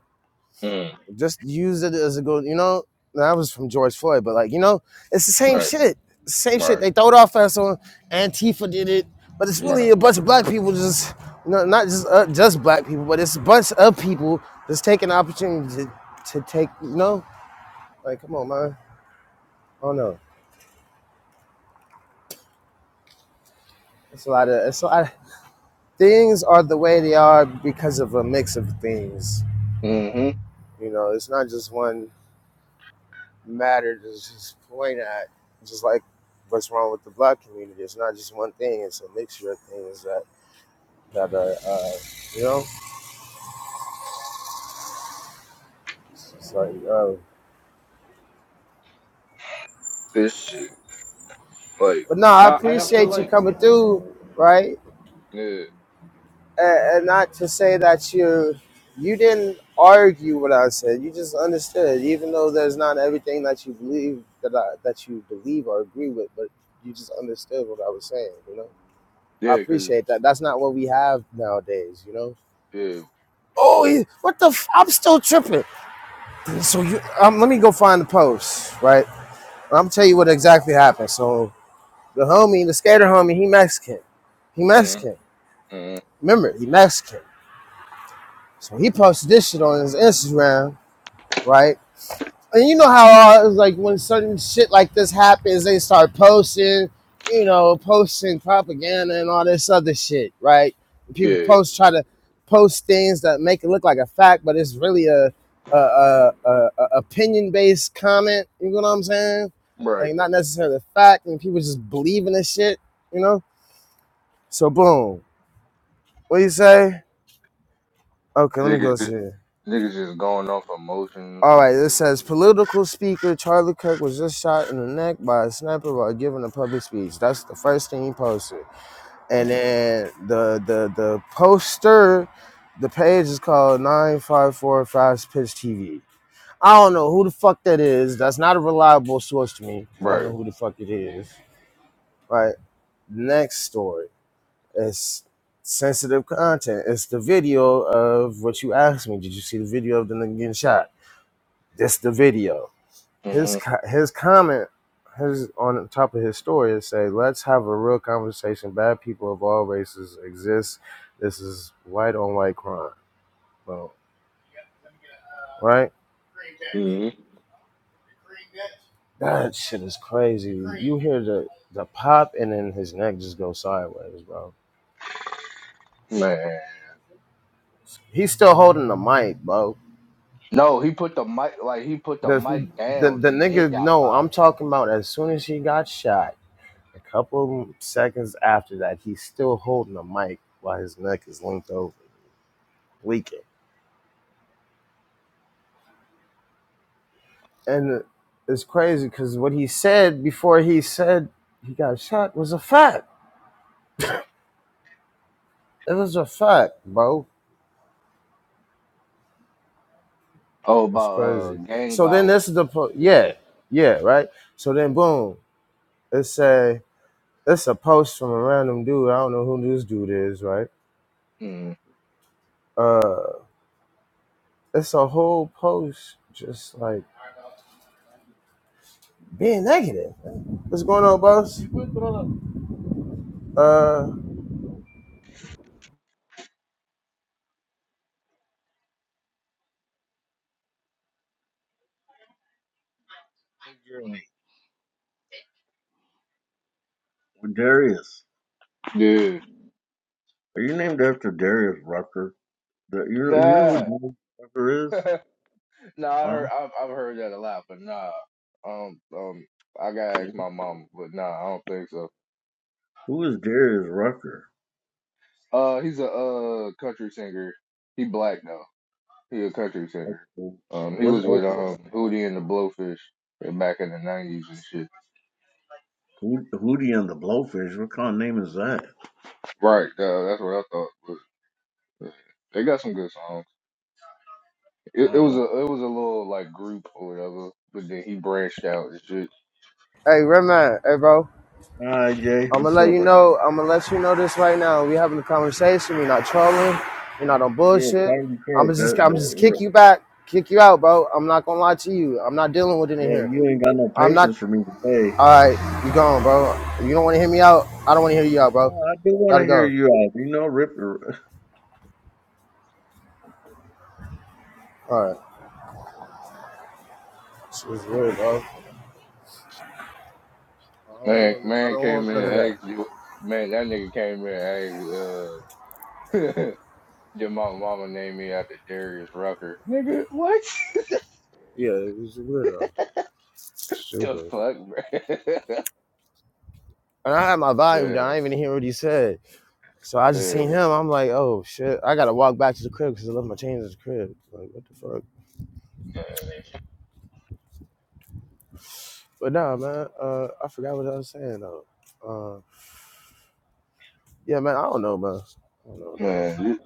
S2: mm.
S1: Just use it as a good, you know. That was from George Floyd, but like, you know, it's the same
S2: Right,
S1: shit. It's the same shit.
S2: right,
S1: They throw it off us on Antifa did it, but it's
S2: right.
S1: really a bunch of black people just, you know, not just uh, just black people, but it's a bunch of people just taking the opportunity to, to take, you know, like, come on, man. I don't know. It's a lot of it's a lot. Of, things are the way they are because of a mix of things.
S2: Mm-hmm.
S1: You know, it's not just one. matter to just point at, just like what's wrong with the black community. It's not just one thing; it's a mixture of things that that are, uh, you know. It's like, uh,
S2: this shit. Like,
S1: but no, I
S2: I, I feel
S1: appreciate you
S2: like,
S1: coming through, right?
S2: yeah,
S1: And, and not to say that you you didn't argue what I said. You just understood, even though there's not everything that you believe that I, that you believe or agree with, but you just understood what I was saying. You know, I
S2: yeah, cause,
S1: appreciate that. That's not what we have nowadays. You know
S2: yeah,
S1: Oh, he, what the? F- I'm still tripping. So you, um, let me go find the post, right? And I'm tell you what exactly happened. So the homie, the skater homie, he Mexican. He
S2: mm,
S1: Mexican.
S2: mm,
S1: Remember, he Mexican. So he posted this shit on his Instagram, right? and you know how uh, like when certain shit like this happens, they start posting, you know, posting propaganda and all this other shit, right? People
S2: yeah,
S1: post try to post things that make it look like a fact, but it's really a a, a, a, a opinion based comment. You know what I'm saying?
S2: right.
S1: Like not necessarily a fact, and people just believe in this shit, you know. So boom, what do you say? Okay, let me go
S2: Niggas, just-
S1: see.
S2: niggas just going off emotions
S1: All right,
S2: and,
S1: this says political speaker Charlie Kirk was just shot in the neck by a sniper while giving a public speech. That's the first thing he posted, and
S2: mm,
S1: then the the the poster, the page is called Nine Five Four Fast Pitch TV. I don't know who the fuck that is. That's not a reliable source to me. 'cause I don't
S2: right.
S1: know who the fuck it is. Right. Next story. It's sensitive content. It's the video of what you asked me. Did you see the video of the nigga getting shot? That's the video.
S2: hmm
S1: his his comment his on top of his story is say let's have a real conversation bad people of all races exist this is white on white crime bro right
S2: hmm
S1: that shit is crazy you hear the the pop and then his neck just go sideways bro
S2: Man.
S1: he's still holding the mic bro
S2: No, he put the mic, like, he put the
S1: the
S2: mic
S1: the,
S2: down
S1: the
S2: and then
S1: nigga
S2: got
S1: no
S2: popped.
S1: i'm talking about as soon as he got shot a couple seconds after that he's still holding the mic while his neck is linked over leaking and it's crazy because what he said before he said he got shot was a fact. It was a fact, bro.
S2: Oh,
S1: It's
S2: about, uh,
S1: crazy.
S2: gang
S1: So then
S2: violence.
S1: this is the po-
S2: Yeah.
S1: yeah, yeah, right. So then boom, it's a it's a post from a random dude. I don't know who this dude is, right?
S2: Mm,
S1: Uh, it's a whole post just like being negative. What's going on, boss? Uh,
S3: Jeremy, with Darius.
S2: yeah.
S3: Are you named after Darius Rucker? The, you, know, you know who
S2: Nah.
S3: Darius Rucker is?
S2: [LAUGHS] nah, I heard,
S3: Huh?
S2: I've, I've heard that a lot, but nah. Um, um, I gotta ask my mom, but nah, I don't think so.
S3: Who is Darius Rucker?
S2: Uh, he's a uh country singer. He black though. He a country singer.
S3: Okay.
S2: Um, he
S3: What's
S2: was with
S3: April?
S2: um Hootie and the Blowfish back in the nineties and shit.
S3: Who, Hootie and the Blowfish? What kind of name is that?
S2: Right. Uh, that's what I thought. But, uh, they got some good songs. It, it was
S3: Oh.
S2: a it was a little like group or whatever. But then he branched out and shit.
S1: hey, Redman, hey, bro.
S3: Hi, Jay.
S1: I'm gonna
S3: What's
S1: let you
S3: up, man?
S1: know. I'm gonna let you know this right now. We having a conversation. We're not trolling. We're not on
S3: Yeah,
S1: bullshit.
S3: Patty
S1: I'm
S3: Kirk.
S1: gonna just,
S3: That,
S1: I'm just kick
S3: that,
S1: you back, kick you out, bro. I'm not gonna lie to you. I'm not dealing with it in
S3: yeah,
S1: here.
S3: you ain't got no
S1: I'm not.
S3: patience for me today.
S1: All right, you gone, bro. If You don't want to hear me out. I don't want to hear you out, bro.
S3: Oh, I do want
S1: Gotta
S3: to hear
S1: go.
S3: you out. You know, Rip.
S1: All right. This is weird, bro. I don't,
S2: Man,
S1: want, I
S2: man
S1: don't
S2: came
S1: want
S2: in
S1: none of
S2: and
S1: that.
S2: asked you. Man, that nigga came in and asked uh. [LAUGHS] Did my mama name me after Darius Rucker? Nigga, what?
S1: Yeah, it was weird, though.
S2: [LAUGHS] the
S1: Stupid.
S2: fuck, man?
S1: And I had my
S2: [LAUGHS]
S1: volume down. I
S2: Man.
S1: didn't even hear what he said. So I just seen
S2: Man,
S1: him. I'm like, oh shit, I gotta walk back to the crib because I left my chains at the crib. Like, what the fuck? But nah, man, uh, I forgot what I was saying though. Uh, yeah, man, I don't know, man. I don't know, dog.
S2: man, you-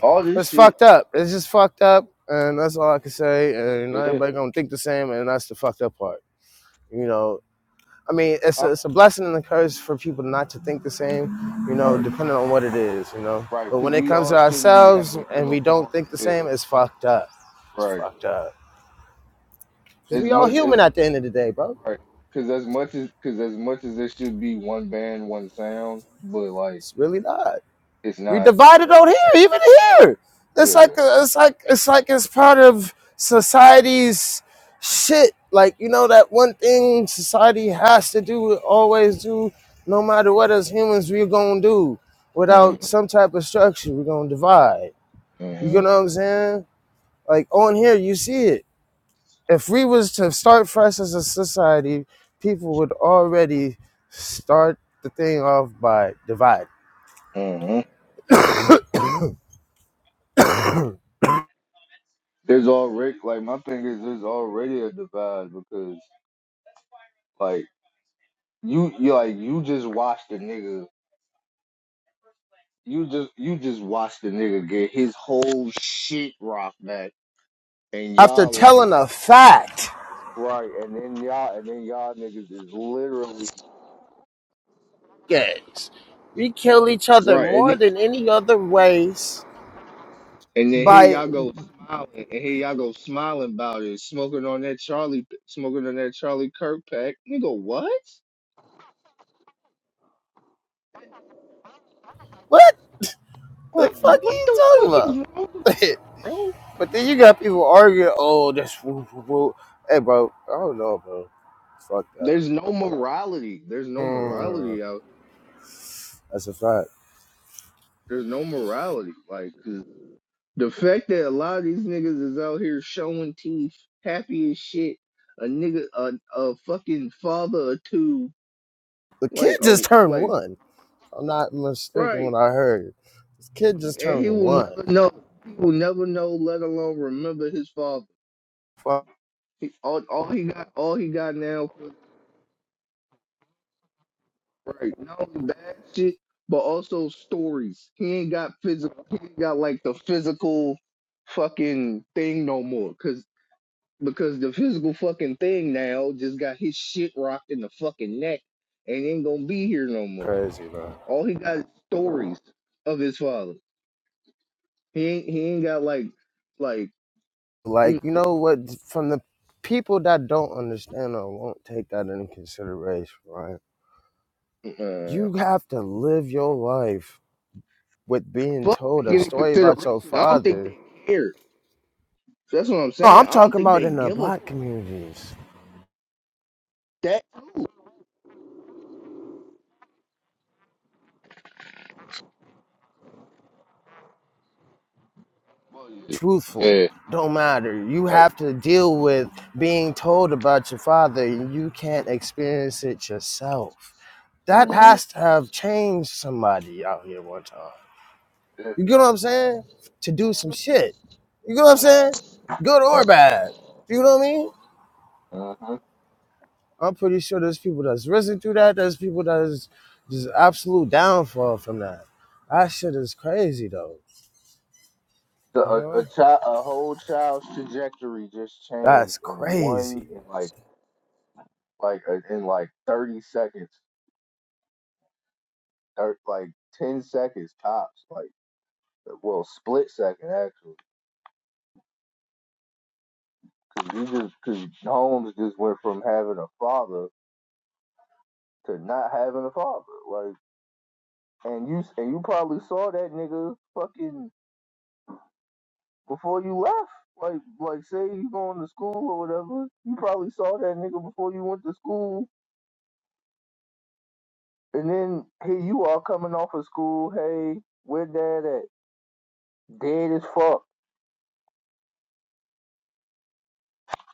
S2: all this
S1: It's
S2: shit.
S1: fucked up. It's just fucked up, and that's all I can say. And not
S2: Yeah,
S1: everybody gonna think the same, and that's the fucked up part. You know, I mean, it's
S2: I'm,
S1: a, it's a blessing and a curse for people not to think the same. You know,
S2: right,
S1: depending on what it is. You know,
S2: right.
S1: but when
S2: Because
S1: it
S2: we
S1: comes to
S2: all shouldn't be
S1: ourselves
S2: having
S1: and we don't
S2: uniform.
S1: think the
S2: Yeah,
S1: same, it's fucked up. It's
S2: right.
S1: fucked up. Because
S2: As
S1: we all
S2: much
S1: human
S2: as
S1: at the end of the day, bro.
S2: right. Because as much as because as much as there should be one band, one sound, but like
S1: It's really not.
S2: it's
S1: We
S2: not.
S1: divided on here, even here. It's like
S2: Yeah.
S1: it's like it's like it's part of society's shit. Like you know that one thing society has to do, always do, no matter what. As humans, we're gonna do without
S2: Mm,
S1: some type of structure. We're gonna divide. You know
S2: mm,
S1: what I'm saying? Like on here, you see it. if we was to start fresh as a society, people would already start the thing off by divide.
S2: mm. There's already like my thing is there's already a divide because like you you like you just watch the nigga you just you just watch the nigga get his whole shit rocked back and
S1: After
S2: y'all like
S1: telling a fact,
S2: right, and then y'all and then y'all niggas is literally
S1: yes, we kill each other
S2: right, and
S1: more
S2: then,
S1: than any other race
S2: and then here
S1: by
S2: y'all go smiling, and here y'all go smiling about it, smoking on that Charlie, smoking on that Charlie Kirk pack, nigga. What?
S1: what the
S2: Like,
S1: fuck are
S2: what
S1: you
S2: the
S1: talking
S2: fuck is
S1: about?
S2: wrong with you, bro?
S1: [LAUGHS] but then you got people arguing, oh, that's woo, woo, woo. Hey, bro, I don't know, bro. Fuck up.
S2: There's no morality. There's no
S1: Mm,
S2: morality out
S1: that's a fact.
S2: There's no morality. Like 'cause the fact that a lot of these niggas is out here showing teeth, happy as shit. A nigga, a, a fucking father or two,
S1: The kid
S2: like a
S1: just turned
S2: like
S1: one I'm not mistaken
S2: right,
S1: when I heard. This kid just
S2: and
S1: turned
S2: he will
S1: one.
S2: never know. He will never know, let alone remember his father.
S1: Fuck
S2: He, all, all he got, all he got now, right? Not only bad shit, but also stories. He ain't got physical. He ain't got like the physical fucking thing no more. 'Cause because the physical fucking thing now just got his shit rocked in the fucking neck and ain't gonna be here no more.
S1: crazy, bro.
S2: All he got is stories of his father. He ain't he ain't got like like
S1: Like,
S2: mm,
S1: you know what? From the people that don't understand or won't take that into consideration, right?
S2: uh,
S1: You have to live your life with being
S2: fuck
S1: told a
S2: taking into
S1: story about your
S2: consideration. I don't think
S1: father.
S2: they care. So That's what I'm
S1: No,
S2: saying.
S1: I'm
S2: I don't
S1: talking
S2: think
S1: about
S2: they
S1: in the
S2: give a
S1: black
S2: fuck.
S1: communities.
S2: That too.
S1: Truthful.
S2: Yeah,
S1: Don't matter. You
S2: right.
S1: have to deal with being told about your father and you can't experience it yourself that
S2: hmm
S1: has to have changed somebody out here one time.
S2: Yeah,
S1: You get what I'm saying? To do some shit. You get what I'm saying? Good or
S2: right.
S1: bad. You know what I mean?
S2: hmm
S1: I'm pretty sure there's people that's risen through that. There's people that's just absolute downfall from that. That shit is crazy though.
S2: So
S1: You
S2: a,
S1: know?
S2: a child, a whole child's trajectory just changed
S1: That's
S2: in one,
S1: crazy.
S2: in like like uh, in like 30 seconds, thir- like 10 seconds tops, like uh, well, split second actually, because you just because Holmes just went from having a father to not having a father, like, and you and you probably saw that nigga fucking before you left. Like, like, say you going to school or whatever, you probably saw that nigga before you went to school, and then here you are coming off of school. Hey, where dad at? Dead as fuck.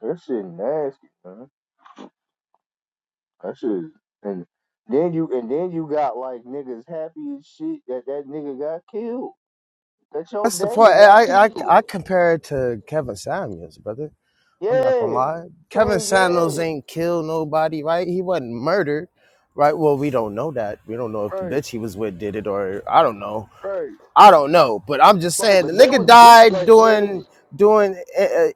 S2: That shit nasty, man. That shit is, and then you and then you got like niggas happy as shit that that nigga got killed. That your
S1: That's the point.
S2: daddy got
S1: I I, I
S2: killed.
S1: compare it to Kevin Samuels, brother. I'm not gonna
S2: Yeah,
S1: lie. Kevin
S2: same.
S1: Samuels
S2: Yeah,
S1: ain't killed nobody, right? He wasn't murdered, right? Well, we don't know that. We don't know if the
S2: right,
S1: bitch he was with did it or I don't know.
S2: right, right.
S1: I don't know. But I'm just saying the
S2: But there
S1: nigga
S2: was bitch
S1: died
S2: like
S1: doing
S2: niggas
S1: doing uh, uh,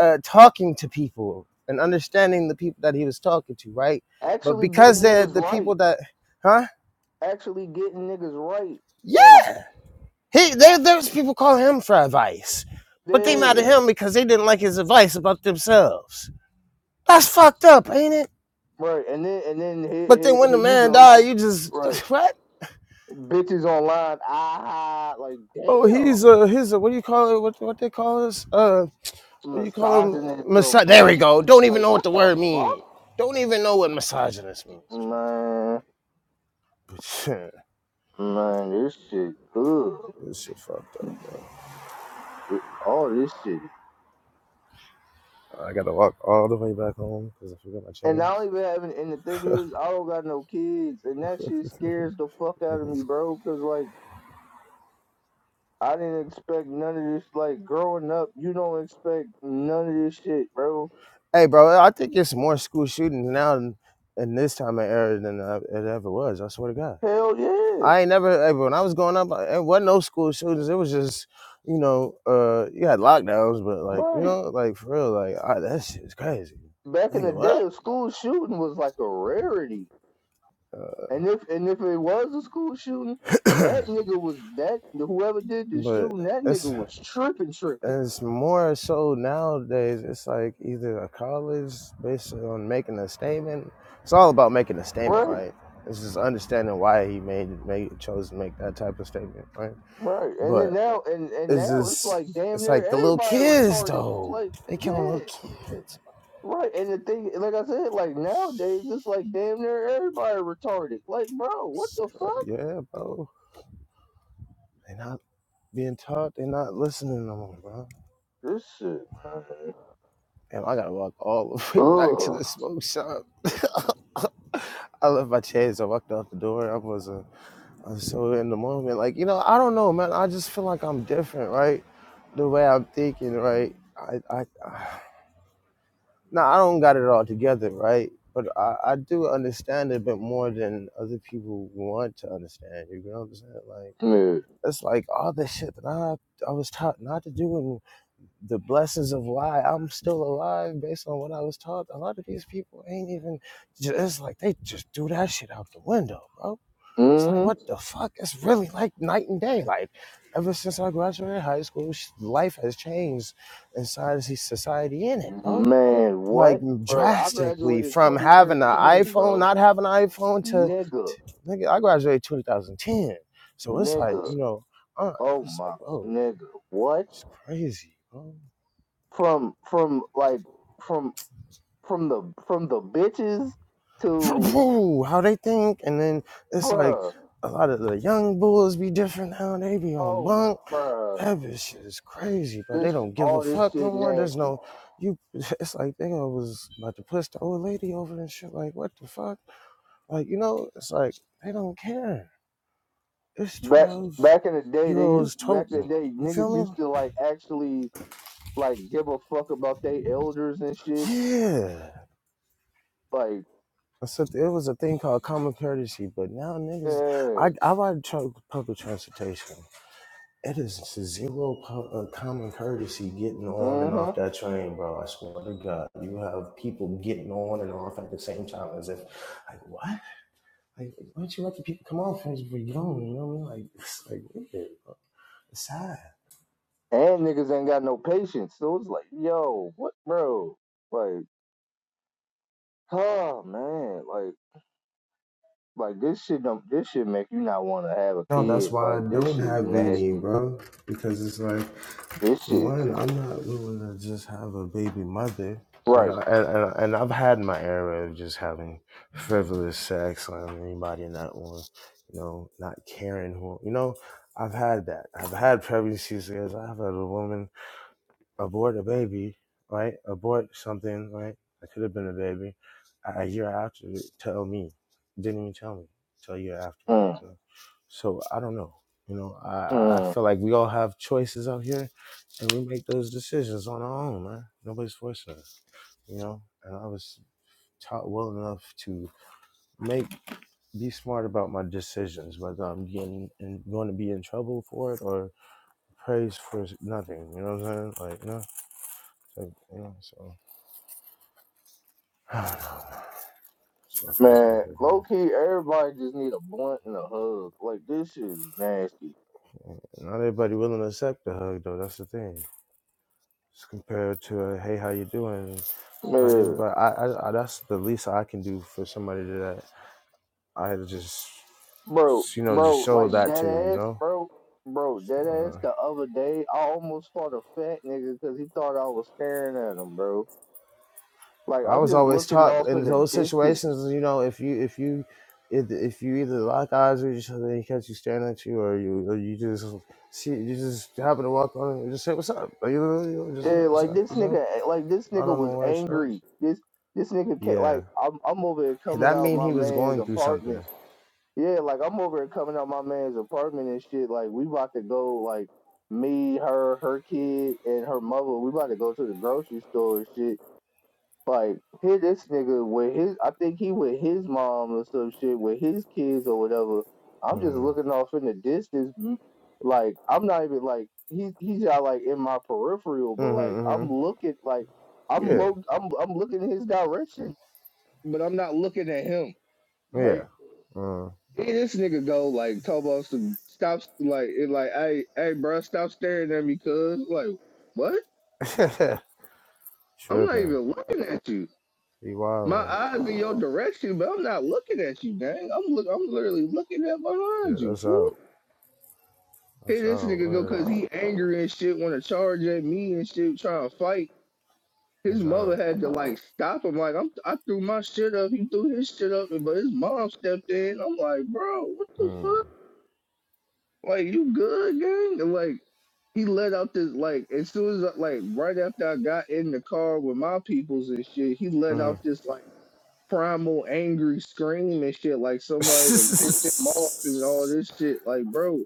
S1: uh, talking to people and understanding the people that he was talking to, right? But
S2: actually getting
S1: because they're
S2: niggas
S1: the
S2: right,
S1: people that, huh?
S2: actually getting niggas right.
S1: Yeah,
S2: Like
S1: he there. There's people calling him for advice, but they mad
S2: yeah,
S1: at him because they didn't like his advice about themselves. That's fucked up, ain't it?
S2: right. And then and then here,
S1: But then
S2: here,
S1: when
S2: here
S1: the
S2: you
S1: man
S2: go.
S1: died, you just
S2: Right,
S1: [SIGHS] what?
S2: bitches online. Ah, like
S1: Oh,
S2: damn,
S1: he's a he's a what do you call it? What what they call us? Uh, what do you call him?
S2: misogynist or
S1: Massa- there
S2: blah.
S1: we go. Don't even
S2: Like
S1: know what the
S2: what the
S1: word
S2: fuck?
S1: means. Don't even know what misogynist means. man.
S2: Man,
S1: But [LAUGHS] yeah,
S2: man, this shit good.
S1: this shit fucked up. Bro.
S2: All this shit.
S1: I gotta walk all the way back home because I forgot my
S2: And I don't
S1: chains.
S2: even have any, and the thing is, I don't got no kids, and that shit scares the fuck out of me, bro. Cause like, I didn't expect none of this. Like, growing up, you don't expect none of this shit, bro.
S1: Hey, bro, I think it's more school shootings now in, in this time of era than uh, it ever was. I swear to God.
S2: Hell yeah,
S1: I ain't never eh, when I was growing up, it wasn't no school shootings. It was just, you know, uh, you had lockdowns, but like, you
S2: right.
S1: know, like for real, like I, that shit is crazy.
S2: Back in the
S1: Nigga,
S2: day,
S1: what?
S2: a school shooting was like a rarity, and if and if it was a school shooting, that
S1: [COUGHS]
S2: nigga was that whoever did
S1: [CLEARS THROAT]
S2: the
S1: but
S2: shooting, that nigga
S1: it's
S2: was tripping, tripping,
S1: it's more so nowadays. It's like either a college based on making a statement. It's all about making a statement,
S2: right?
S1: right? It's just understanding why he made made chose to make that type of statement, right?
S2: Right, and
S1: But
S2: then now, and and
S1: it's
S2: now it's
S1: just
S2: like damn
S1: it's
S2: near
S1: like the little
S2: everybody
S1: kids
S2: retarded.
S1: though.
S2: Like,
S1: They killing
S2: yeah,
S1: little kids
S2: right. And the thing, like I said, like nowadays
S1: It's
S2: it's like damn near everybody retarded. Like, bro, what the
S1: cra-
S2: fuck?
S1: Yeah, bro. They not being taught. They not listening no more, bro.
S2: This shit, man.
S1: And I gotta walk all the [LAUGHS] way back to
S2: Ugh,
S1: the smoke shop. [LAUGHS] I left my chairs. I walked out the door. I wasn't. I was so in the moment. Like you know, I don't know, man. I just feel like I'm different, right? The way I'm thinking, right? I, I, [SIGHS] I now I don't got it all together, right? But I, I do understand a bit more than other people want to understand. You know what I'm saying? Like.
S2: man.
S1: It's like all the shit that I I was taught not to do, and the blessings of why I'm still alive based on what I was taught. A lot of these people ain't even. It's like they just threw that shit out the window, bro. It's like what
S2: Mm-hmm.
S1: the fuck? It's really like night and day. Like ever since I graduated high school, life has changed inside of society in it, bro.
S2: Man,
S1: Like
S2: what, bro? I
S1: drastically
S2: graduated
S1: from having an
S2: 2013,
S1: iPhone,
S2: bro.
S1: not having an iPhone to
S2: Nigga,
S1: Nigga, I graduated 2010. So it's like,
S2: nigga.
S1: you know, uh,
S2: Oh
S1: it's like,
S2: my,
S1: oh,
S2: nigga. What?
S1: it's crazy, bro.
S2: From from like from from the from the bitches to
S1: [LAUGHS] How they think. And then it's like
S2: bruh.
S1: a lot of the young bulls be different now. They be on
S2: Oh, m-
S1: bunk.
S2: bruh.
S1: That bitch shit is crazy, bro. They
S2: This
S1: don't give a
S2: all this
S1: fuck no
S2: shit
S1: more. There's
S2: nasty.
S1: no, you, [LAUGHS] it's like they was about to push the old lady over and shit. Like, what the fuck? Like, you know, it's like they don't care. It's
S2: Back
S1: 12
S2: back in the day,
S1: year
S2: they used
S1: olds
S2: back in the
S1: toting.
S2: day
S1: You
S2: niggas
S1: feel me?
S2: used to like actually like give a fuck about they elders and shit.
S1: Yeah.
S2: Like,
S1: So it was a thing called common courtesy, but now niggas,
S2: yeah,
S1: I I ride tr- public transportation. It is zero pu- uh, common courtesy getting on and
S2: mm-hmm.
S1: off that train, bro. I swear to God, you have people getting on and off at the same time as if, like, what? Like, why don't you let the people come off as we get on? You know what I mean? Like, it's like weird, bro. It's sad.
S2: And niggas ain't got no patience, so it's like, yo, what, bro? Like, oh man, like, like this shit don't this shit make you not want to have a
S1: No, that's
S2: kid.
S1: why I
S2: Like, this
S1: don't
S2: shit is
S1: have any,
S2: nasty.
S1: bro. Because it's like
S2: This shit,
S1: One, I'm not willing to just have a baby mother, and
S2: right?
S1: I, and and, and I've had my era of just having frivolous sex on anybody not one, you know, not caring who, you know, I've had that. I've had pregnancies. yes, I've had a woman abort a baby, right? Abort something, right? I could have been a baby. A year after, tell me. Didn't even tell me. Tell year after.
S2: Mm,
S1: You know? So I don't know. You know,
S2: mm.
S1: I, I feel like we all have choices out here, and we make those decisions on our own, man. Nobody's forcing us. You know, and I was taught well enough to make be smart about my decisions, whether I'm getting and going to be in trouble for it or praise for nothing. You know what I'm saying? Like, you know, like, you know so. [SIGHS] Fucked up
S2: Man,
S1: hugger though.
S2: low key, everybody just need a blunt and a hug. Like this shit is nasty.
S1: Not everybody willing to accept the hug though. That's the thing. It's compared to a hey, how you doing? Not
S2: Man,
S1: everybody. I, I, I that's the least I can do for somebody that I had to just
S2: bro,
S1: you know just
S2: bro,
S1: show
S2: like
S1: that to you
S2: that ass,
S1: know.
S2: bro, bro, that ass.
S1: So,
S2: The other day, I almost fought a fat nigga because he thought I was staring at him, bro. Like
S1: uh, I
S2: I'm
S1: was
S2: just
S1: always
S2: looking
S1: taught
S2: off in
S1: in
S2: the
S1: those
S2: distance.
S1: situations, you know, if you if you if, if you either lock eyes with each other and he catch you staring at you, or you or you just see you just happen to walk on and just say what's up, Like, you know, you know, just
S2: Yeah,
S1: what's
S2: like
S1: up,
S2: this
S1: you know.
S2: nigga, eh, like this
S1: I
S2: nigga
S1: don't
S2: was
S1: know where it's up.
S2: angry. This this nigga can't.
S1: Yeah.
S2: Like I'm I'm over here coming
S1: That
S2: out
S1: mean
S2: my
S1: he was
S2: man's
S1: going through
S2: apartment.
S1: something.
S2: Yeah, like I'm over here coming out my man's apartment and shit. Like we about to go, like me, her, her kid, and her mother. We about to go to the grocery store and shit. Like here, this nigga with his, I think he with his mom or some shit with his kids or whatever. I'm just
S1: hmm
S2: looking off in the distance, m- like I'm not even like he he's not like in my peripheral, but
S1: hmm
S2: like
S1: hmm
S2: I'm looking like I'm
S1: Yeah.
S2: look I'm I'm looking in his direction, but I'm not looking at him, right?
S1: Yeah. Uh,
S2: Hey, this nigga go like Tobos to stop like it like hey hey bro stop staring at me cuz like what?
S1: [LAUGHS]
S2: I'm not
S1: tripping.
S2: even looking at you.
S1: Be wild
S2: My
S1: like.
S2: eyes in your direction, but I'm not looking at you, dang. I'm look I'm literally looking at
S1: Yeah,
S2: behind you,
S1: that's
S2: fool.
S1: out.
S2: Here
S1: That's
S2: this
S1: out.
S2: nigga go
S1: Word.
S2: cause he angry and shit wanna charge at me and shit trying to fight. His
S1: That's
S2: mother
S1: out.
S2: had to like stop him. Like I'm I threw my shit up, he threw his shit up, but his mom stepped in. I'm like, bro, what the
S1: Mm.
S2: fuck? Like you good, gang? And, Like he let out this like as soon as like right after I got in the car with my peoples and shit, he let
S1: Mm.
S2: out this like primal angry scream and shit like somebody done pissed him
S1: [LAUGHS]
S2: off and all this shit. Like, bro,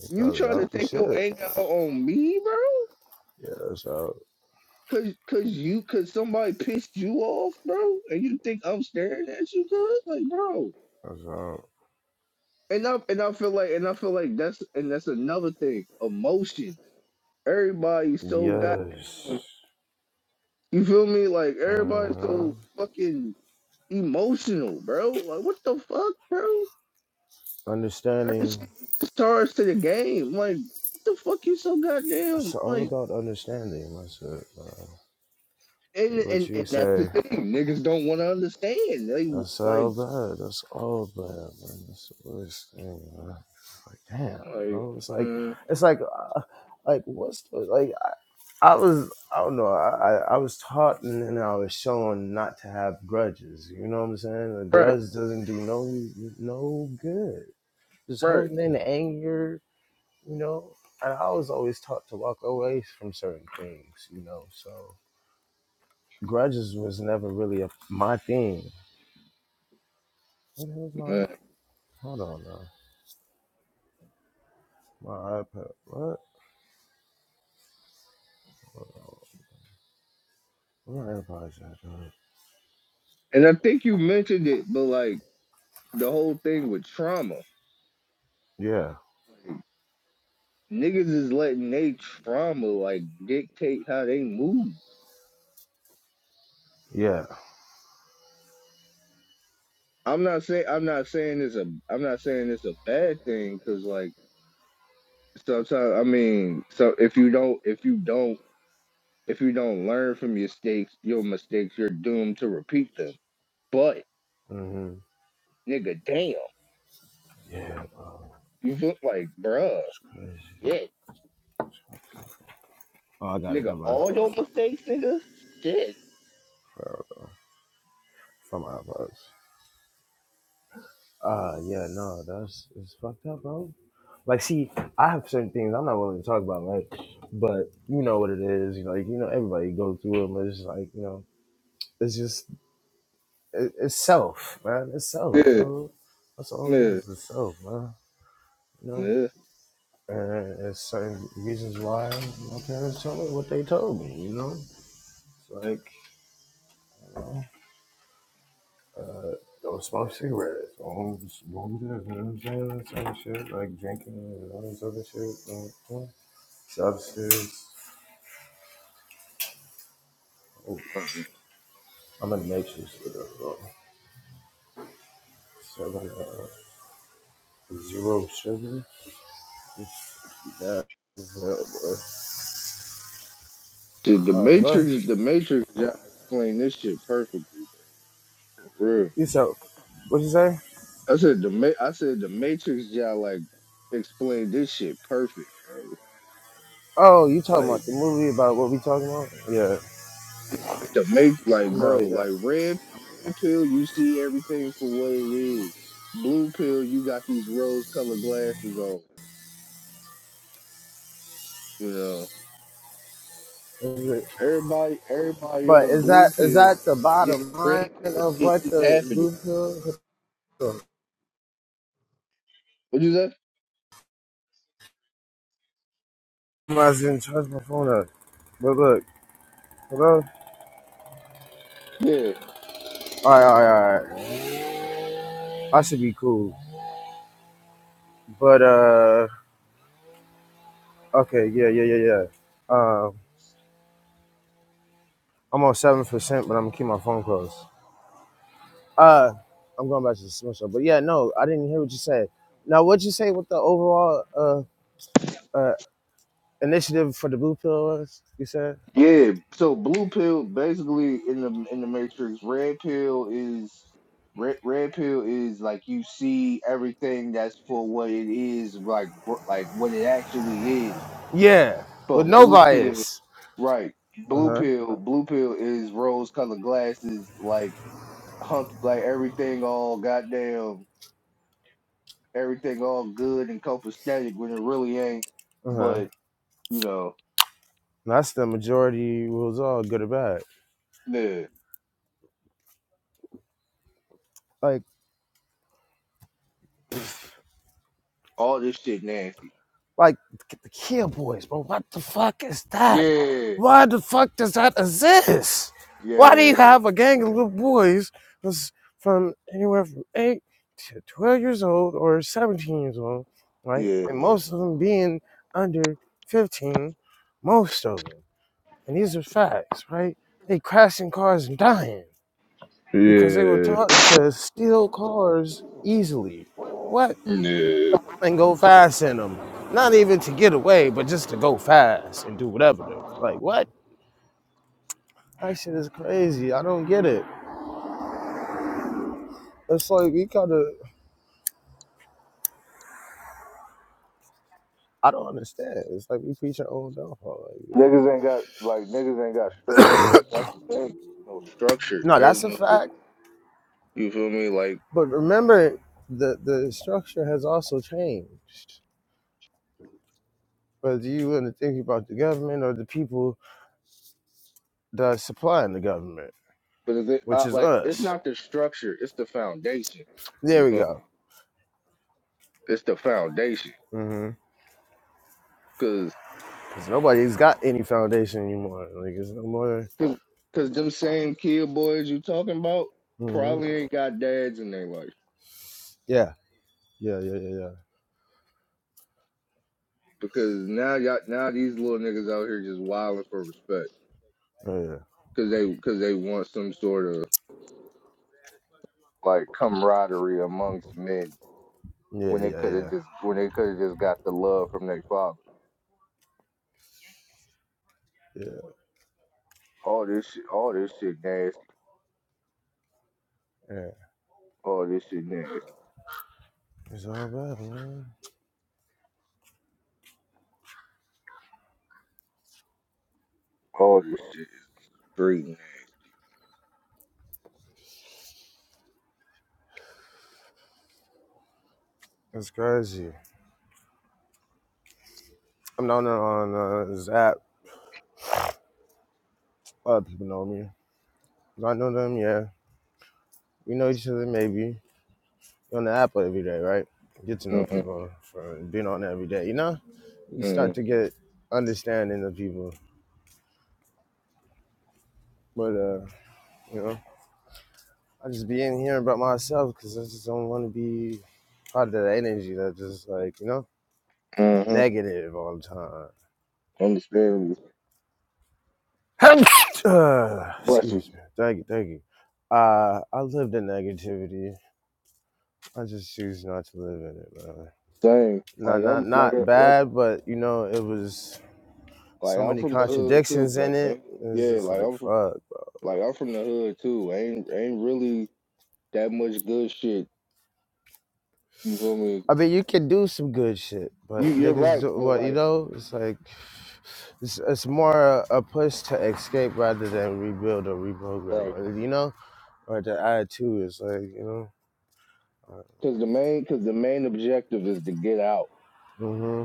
S1: They
S2: you
S1: probably
S2: trying
S1: off
S2: to
S1: the
S2: take your
S1: shit.
S2: anger out on me, bro?
S1: Yeah, that's out.
S2: Cause, cause you, cause somebody pissed you off, bro, and you think I'm staring at you, cuz like, bro.
S1: That's out.
S2: And I and I feel like and I feel like that's and that's another thing, emotion. Everybody's so
S1: Yes.
S2: goddamn. You feel me? Like
S1: Uh
S2: everybody's
S1: huh.
S2: so fucking emotional, bro. Like what the fuck, bro? Certain
S1: Understanding.
S2: shit you just charge to the game. Like what the fuck you so goddamn
S1: It's all
S2: like
S1: about understanding. That's it, bro. 'Kay,
S2: and
S1: what
S2: and,
S1: you
S2: and that's the
S1: say?
S2: thing. Niggas don't wanna understand. They
S1: That's
S2: like
S1: all bad. That's all bad, man. That's the worst thing, man. It's Like, damn,
S2: like
S1: bro. It's like,
S2: mm,
S1: it's like, uh, like, what's the, like, I, I was, I don't know, I, I I was taught and then I was shown not to have grudges. You know what I'm saying? A
S2: right,
S1: grudge doesn't do no, no good. Just
S2: right,
S1: holding in anger, you know? And I was always taught to walk away from certain things, you know? So, grudges was never really a, my thing. What the hell's my,
S2: man.
S1: hold on now. My iPad. What? My AirPods at? huh?
S2: And I think you mentioned it, but like the whole thing with trauma.
S1: Yeah.
S2: Niggas is letting they trauma like dictate how they move.
S1: Yeah.
S2: I'm not saying I'm not saying it's a I'm not saying it's a bad thing because like sometimes I mean so if you don't if you don't if you don't learn from your mistakes your mistakes you're doomed to repeat them. But
S1: Mm-hmm.
S2: nigga, damn,
S1: Yeah, bro.
S2: you look like bruh,
S1: It's crazy.
S2: shit,
S1: Oh, I got it.
S2: nigga,
S1: Never mind.
S2: all your mistakes, nigga, shit,
S1: From my iPods. Uh, yeah, no, that's it's fucked up, bro. Like, see, I have certain things I'm not willing to talk about, right? But you know what it is. You know, like, you know, everybody go through them. It's just like, you know, it's just, it, it's self, man. It's self,
S2: yeah,
S1: dude. That's all it
S2: yeah,
S1: is. It's self, man. You know?
S2: yeah.
S1: And there's certain reasons why my parents told me what they told me, you know? It's like, you know, uh, don't smoke cigarettes. Don't smoke this, you know what I'm saying? That sort of shit. Like drinking and all this other shit. You know? Substance. Oh, I'm a nature sugar, bro. Seven, uh, zero sugar. That is hell, bro.
S2: Dude, the
S1: All right, hello?
S2: Matrix, the Matrix, y'all explain this shit perfectly, bro.
S1: You so, what you say?
S2: I said the Ma- I said the Matrix y'all like explained this shit perfect, bro.
S1: Oh, you talking about the
S2: Like
S1: movie about what we talking about? Yeah.
S2: the make like bro,
S1: No, yeah.
S2: like red red pill, you see everything for what it is. Blue pill, you got these rose colored glasses on. You know.
S1: That's it.
S2: Everybody everybody
S1: But
S2: on
S1: is that
S2: blue
S1: is
S2: pill,
S1: that the
S2: yeah,
S1: bottom line
S2: red pill
S1: of what
S2: shit keep
S1: the
S2: happening.
S1: do feel?
S2: What you say?
S1: I didn't charge my phone up. But look, hello?
S2: Yeah.
S1: Alright, alright, alright. I should be cool. But uh okay, yeah, yeah, yeah, yeah. Um I'm on seven percent, but I'm gonna keep my phone closed. Uh I'm going back to the semester. But yeah, no, I didn't hear what you said. Now what'd you say with the overall uh uh initiative for the blue pill was, you said?
S2: Yeah, so blue pill basically in the in the Matrix, red pill is red, red pill is like you see everything that's for what it is, like br- like what it actually is.
S1: Yeah. With
S2: But
S1: no
S2: blue pill,
S1: bias.
S2: right? Blue
S1: Uh-huh.
S2: pill, blue pill is rose colored glasses, like hunk, like everything all goddamn, everything all good and copacetic when it really ain't.
S1: Uh-huh.
S2: But you know,
S1: That's the majority rules all good or bad.
S2: yeah,
S1: like.
S2: all this shit nasty.
S1: Like the Kia Boys, bro. What the fuck is that?
S2: Yeah,
S1: Why the fuck does that exist? Why do you
S2: yeah.
S1: have a gang of little boys that's from anywhere from eight to twelve years old or seventeen years old, right?
S2: Yeah.
S1: And most of them being under fifteen, most of them. And these are facts, right? They crashing cars and dying because they were
S2: Yeah.
S1: taught to steal cars easily. What?
S2: Yeah.
S1: and go fast in them. Not even to get away, but just to go fast and do whatever. They're like, what? That shit is crazy. I don't get it. It's like we gotta. I don't understand. It's like we preach our own downfall. Like, you know?
S2: Niggas ain't got like niggas ain't got structure. That's the thing. No structure.
S1: No,
S2: There's
S1: that's a
S2: no
S1: fact.
S2: you feel me? Like
S1: But remember, the the structure has also changed. Whether you want to think about the government or the people that are supplying the government,
S2: but is it
S1: which
S2: uh,
S1: is
S2: like it's
S1: us.
S2: not the structure, it's the foundation.
S1: There
S2: You
S1: we
S2: feel me?
S1: go.
S2: It's the foundation.
S1: Mm-hmm.
S2: Cause,
S1: Because nobody's got any foundation anymore. Like it's no more.
S2: cause, cause them same kid boys you talking about
S1: hmm
S2: probably ain't got dads in their life.
S1: Yeah. Yeah, yeah, yeah, yeah.
S2: Because now y'all now these little niggas out here just wilding for respect.
S1: Oh,
S2: Cause they cause they want some sort of like camaraderie amongst men.
S1: yeah. Yeah,
S2: when they
S1: yeah,
S2: could have
S1: yeah.
S2: just when they could have just got the love from their father.
S1: Yeah,
S2: All this shit, all this shit nasty.
S1: yeah.
S2: All this shit nasty.
S1: It's all bad, man.
S2: All this shit is breeding.
S1: It's crazy. I'm known on uh, this app. Other people know me. Do I know them? Yeah. We know each other, maybe. You're on the app every day, right? Get to know
S2: Mm
S1: people from being on there every day, you know? You start
S2: mm
S1: to get understanding of people. But, uh, you know, I just be in here about myself because I just don't want to be part of that energy that just, like, you know,
S2: mm hmm.
S1: negative all the time.
S2: Understand me?
S1: Uh,
S2: Busting
S1: excuse me. Thank you. Thank you. Uh, I lived in negativity. I just choose not to live in it, man.
S2: same.
S1: Not,
S2: Like
S1: not,
S2: I'm like
S1: not
S2: a, like
S1: bad, but you know, it was
S2: like
S1: so
S2: I'm
S1: many
S2: from the hood too.
S1: contradictions in
S2: Like eh,
S1: it. It's
S2: yeah,
S1: just
S2: like
S1: like
S2: I'm from
S1: fuck.
S2: like I'm from the hood too. Ain't ain't really that much good shit. You feel me?
S1: I mean, you can do some good shit, but
S2: You you're
S1: niggas,
S2: right,
S1: do,
S2: but
S1: what you
S2: like
S1: know, it's like it's, it's more a, a push to escape rather than rebuild or
S2: right,
S1: reprogram. You know, or the attitude is like, you know. Uh,
S2: cause the main cause the main objective is to get out.
S1: Mhm.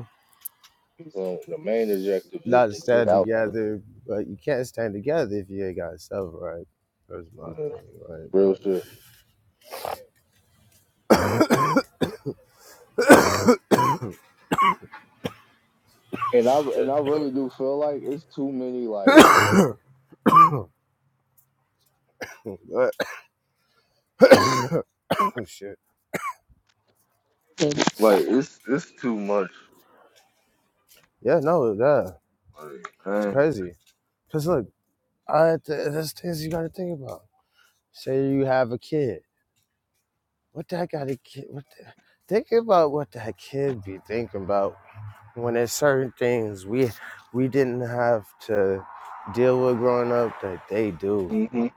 S2: So the main objective is
S1: Not to
S2: to get
S1: stand
S2: out
S1: together, but you can't stand together if you ain't got yourself right. That's my
S2: the
S1: thing,
S2: real shit. And I and I really do feel like it's too many like
S1: right? But, [COUGHS] but [COUGHS] oh shit.
S2: like it's it's too much.
S1: Yeah, no, yeah, it's
S2: Like,
S1: crazy. Cause look, I, th- there's things you gotta think about. Say you have a kid. What that got a kid? What the, think about what that kid be thinking about when there's certain things we we didn't have to deal with growing up that they do.
S2: dang.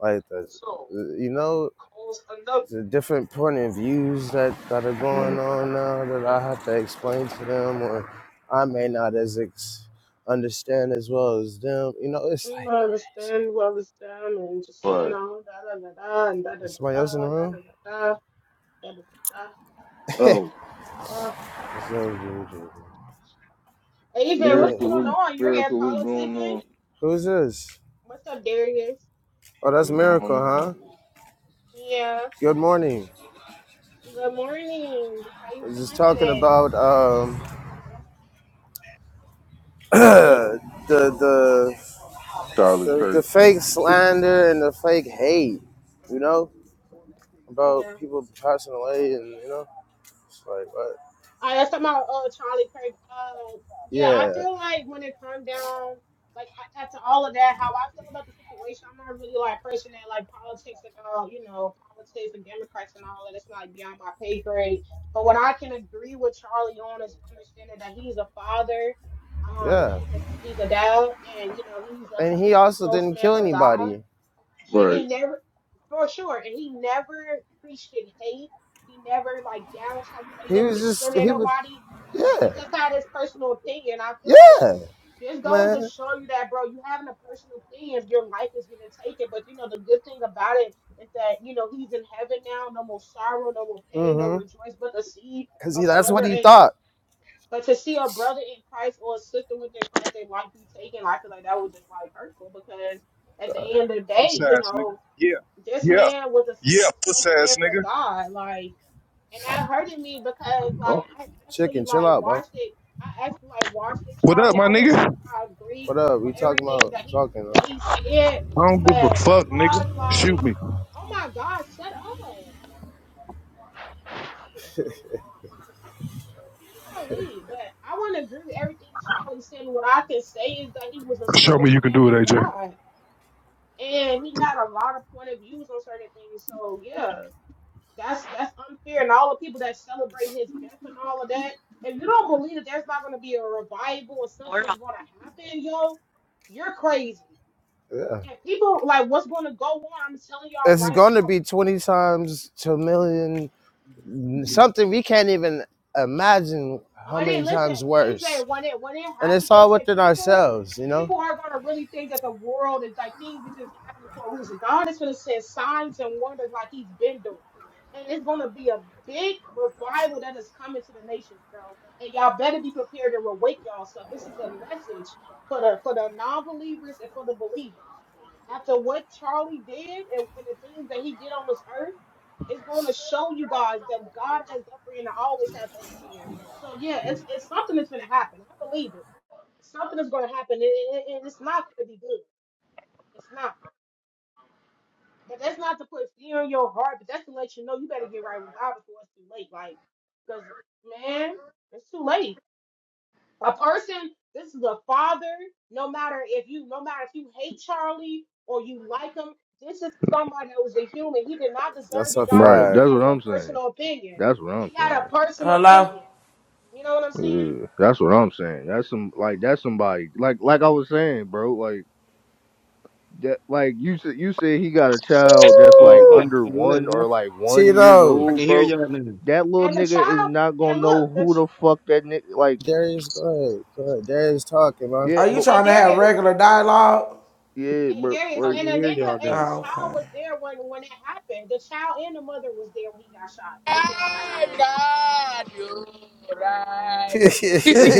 S1: Like the,
S4: So
S1: you know.
S4: calls another.
S1: the different point of views that, that are
S2: hmm
S1: going on now that I have to explain to them or I may not as ex- understand as well as them. You know, it's
S4: "Mm,
S1: like
S4: I
S1: crazy.
S4: understand, we understand, and just you
S2: But
S4: know, da da da da and da da da
S1: Is somebody
S4: da
S1: else in
S4: da
S1: the
S4: da
S1: room?
S4: da da da da da
S1: [LAUGHS]
S2: oh,
S4: da. da."
S1: It's not Juju. but
S4: Ava,
S1: yeah,
S4: what's
S2: miracle
S4: going
S2: was
S4: on? You're here
S2: miracle was going
S4: politicking?
S2: on.
S1: who's this?
S4: What's up, Darius?
S1: Oh, that's
S2: What's
S1: Miracle,
S2: going on?
S1: huh?
S4: Yeah.
S1: Good morning.
S4: Good morning. How
S1: I
S4: you
S1: was just
S4: feeling
S1: talking
S4: today?
S1: about um, [CLEARS THROAT]
S4: Hmm?
S1: the, the
S2: Charlie
S1: the the
S2: Kirk thing.
S1: fake slander and the fake hate, you know, about
S4: Yeah.
S1: people passing away and you know, it's like what?
S4: I that's about uh Charlie Kirk. Uh, yeah, I
S1: Yeah,
S4: feel like when it comes down, like a- after all of that, how I feel about the situation, I'm not really like a person that like politics and all, you know, politics and Democrats and all that. It's like beyond my pay grade. But what I can agree with Charlie on is understanding that he's a father, um,
S1: yeah.
S4: he's a he's a dad, and you know he's a
S1: And he
S4: he's a
S1: also didn't
S4: spokesman
S1: kill
S4: for God,
S1: anybody.
S4: and
S2: Right.
S4: he never, for sure, and he never preached in hate. He never like down talking about he
S1: He
S4: never
S1: was just
S4: discriminated
S1: he was
S4: nobody.
S1: yeah,
S4: He just had his personal opinion. I feel like
S1: yeah,
S4: this goes to
S1: man.
S4: show you that, bro, you having a personal opinion, your life is getting taken. But you know, the good thing about it is that, you know, he's in heaven now, no more sorrow, no more pain, no
S1: Mm-hmm.
S4: rejoice. But to see
S1: Cause
S4: a
S1: he that's what
S4: brother
S1: he
S4: in
S1: thought.
S4: but to see a brother in Christ or a sister within Christ, they life be taken, I feel like that was just like hurtful because at the end of the day,
S5: Puss
S4: you
S5: ass nigga.
S4: know,
S5: Yeah.
S4: this
S5: Yeah.
S4: man was a,
S5: Yeah,
S4: a
S5: puss ass
S4: spokesman for
S5: nigga.
S4: God. Like and that hurted me because like
S2: Oh.
S4: I actually
S1: Chicken, chill
S4: like
S1: out, bro.
S4: watched it. I actually like watched it,
S5: What up,
S4: Charlie.
S5: my
S4: I wouldn't
S5: nigga?
S4: say I agree
S1: What up? We
S4: with
S1: talking
S4: everything
S1: about
S4: that he
S1: talking,
S4: that
S1: huh?
S4: he said,
S5: I don't give a
S4: but
S5: fuck,
S4: far
S5: nigga.
S4: as like,
S5: Shoot me.
S4: oh my God, shut up, Charlie. But I want to agree with everything Charlie said. What I can say is that he was a
S5: Show me you can
S4: spokesman
S5: do it,
S4: for
S5: AJ.
S4: God, and he had a lot of point of views on certain things. So yeah. That's that's unfair. And all the people that celebrate his death and all of that, if you don't believe that there's not going to be a revival or something is going to happen, yo, you're crazy.
S1: Yeah.
S4: And people like what's going to go on? I'm telling y'all
S1: It's
S4: right
S1: gonna
S4: now.
S1: be twenty times to a million something we can't even imagine how
S4: When it
S1: many
S4: listen,
S1: times worse.
S4: AJ, when it when it
S1: And
S4: happened,
S1: it's all
S4: AJ,
S1: within
S4: people
S1: ourselves, you know?
S4: people are gonna really think that the world is like things is just happening for a reason. God is gonna send signs and wonders like He's been doing, and it's gonna be a big revival that is coming to the nations, bro. And y'all better be prepared to awake y'all. So this is a message for the for the non-believers and for the believers. After what Charlie did and, and the things that he did on this earth. It's going to show you guys that God has the upper hand. I always have the upper hand. So yeah, it's it's something that's going to happen. I believe it. Something is going to happen, and, and- and it's not going to be good. It's not. But that's not to put fear in your heart. But that's to let you know you better get right with God before it's too late. Like, because man, it's too late A person, this is a father, no matter if you no matter if you hate Charlie or you like him, this is somebody that was a human. He did not deserve
S1: That's
S4: to
S1: a
S4: die
S2: Right.
S4: because he
S1: fact.
S2: That's what
S4: had a
S2: I'm saying.
S4: personal opinion.
S2: That's what I'm
S4: He had a
S2: saying.
S4: personal
S6: Hello?
S4: opinion. You know what I'm saying?
S2: Yeah, that's what I'm saying. That's some like that's somebody like like I was saying, bro. Like. that like you said you said he got a child that's
S7: Oh
S2: like
S1: Woo!
S7: man,
S2: under
S7: Hey, what up,
S2: one
S7: man?
S2: or like one years
S1: Tito.
S7: I can
S2: old,
S7: hear
S2: bro.
S7: y'all now.
S2: That little
S4: And the
S2: nigga is
S4: child,
S2: not
S4: and
S2: gonna know
S4: look, the
S2: who
S4: ch-
S2: the fuck that nigga like
S1: Darius, go ahead. Go ahead. Darius talking, man.
S2: yeah,
S6: Are you
S2: but
S4: yeah, and
S6: trying to have
S4: Darius,
S6: regular dialogue?
S2: yeah,
S4: and
S2: bro
S4: Darius,
S7: I
S2: like
S7: can
S4: and the
S7: hear y'all
S4: nigga and
S7: now.
S6: Oh,
S4: his child
S6: okay.
S4: was there when when it happened. The child and the mother was there when he got shot.
S8: Hey, God, you
S1: [LAUGHS]
S8: right.
S1: but
S9: [LAUGHS]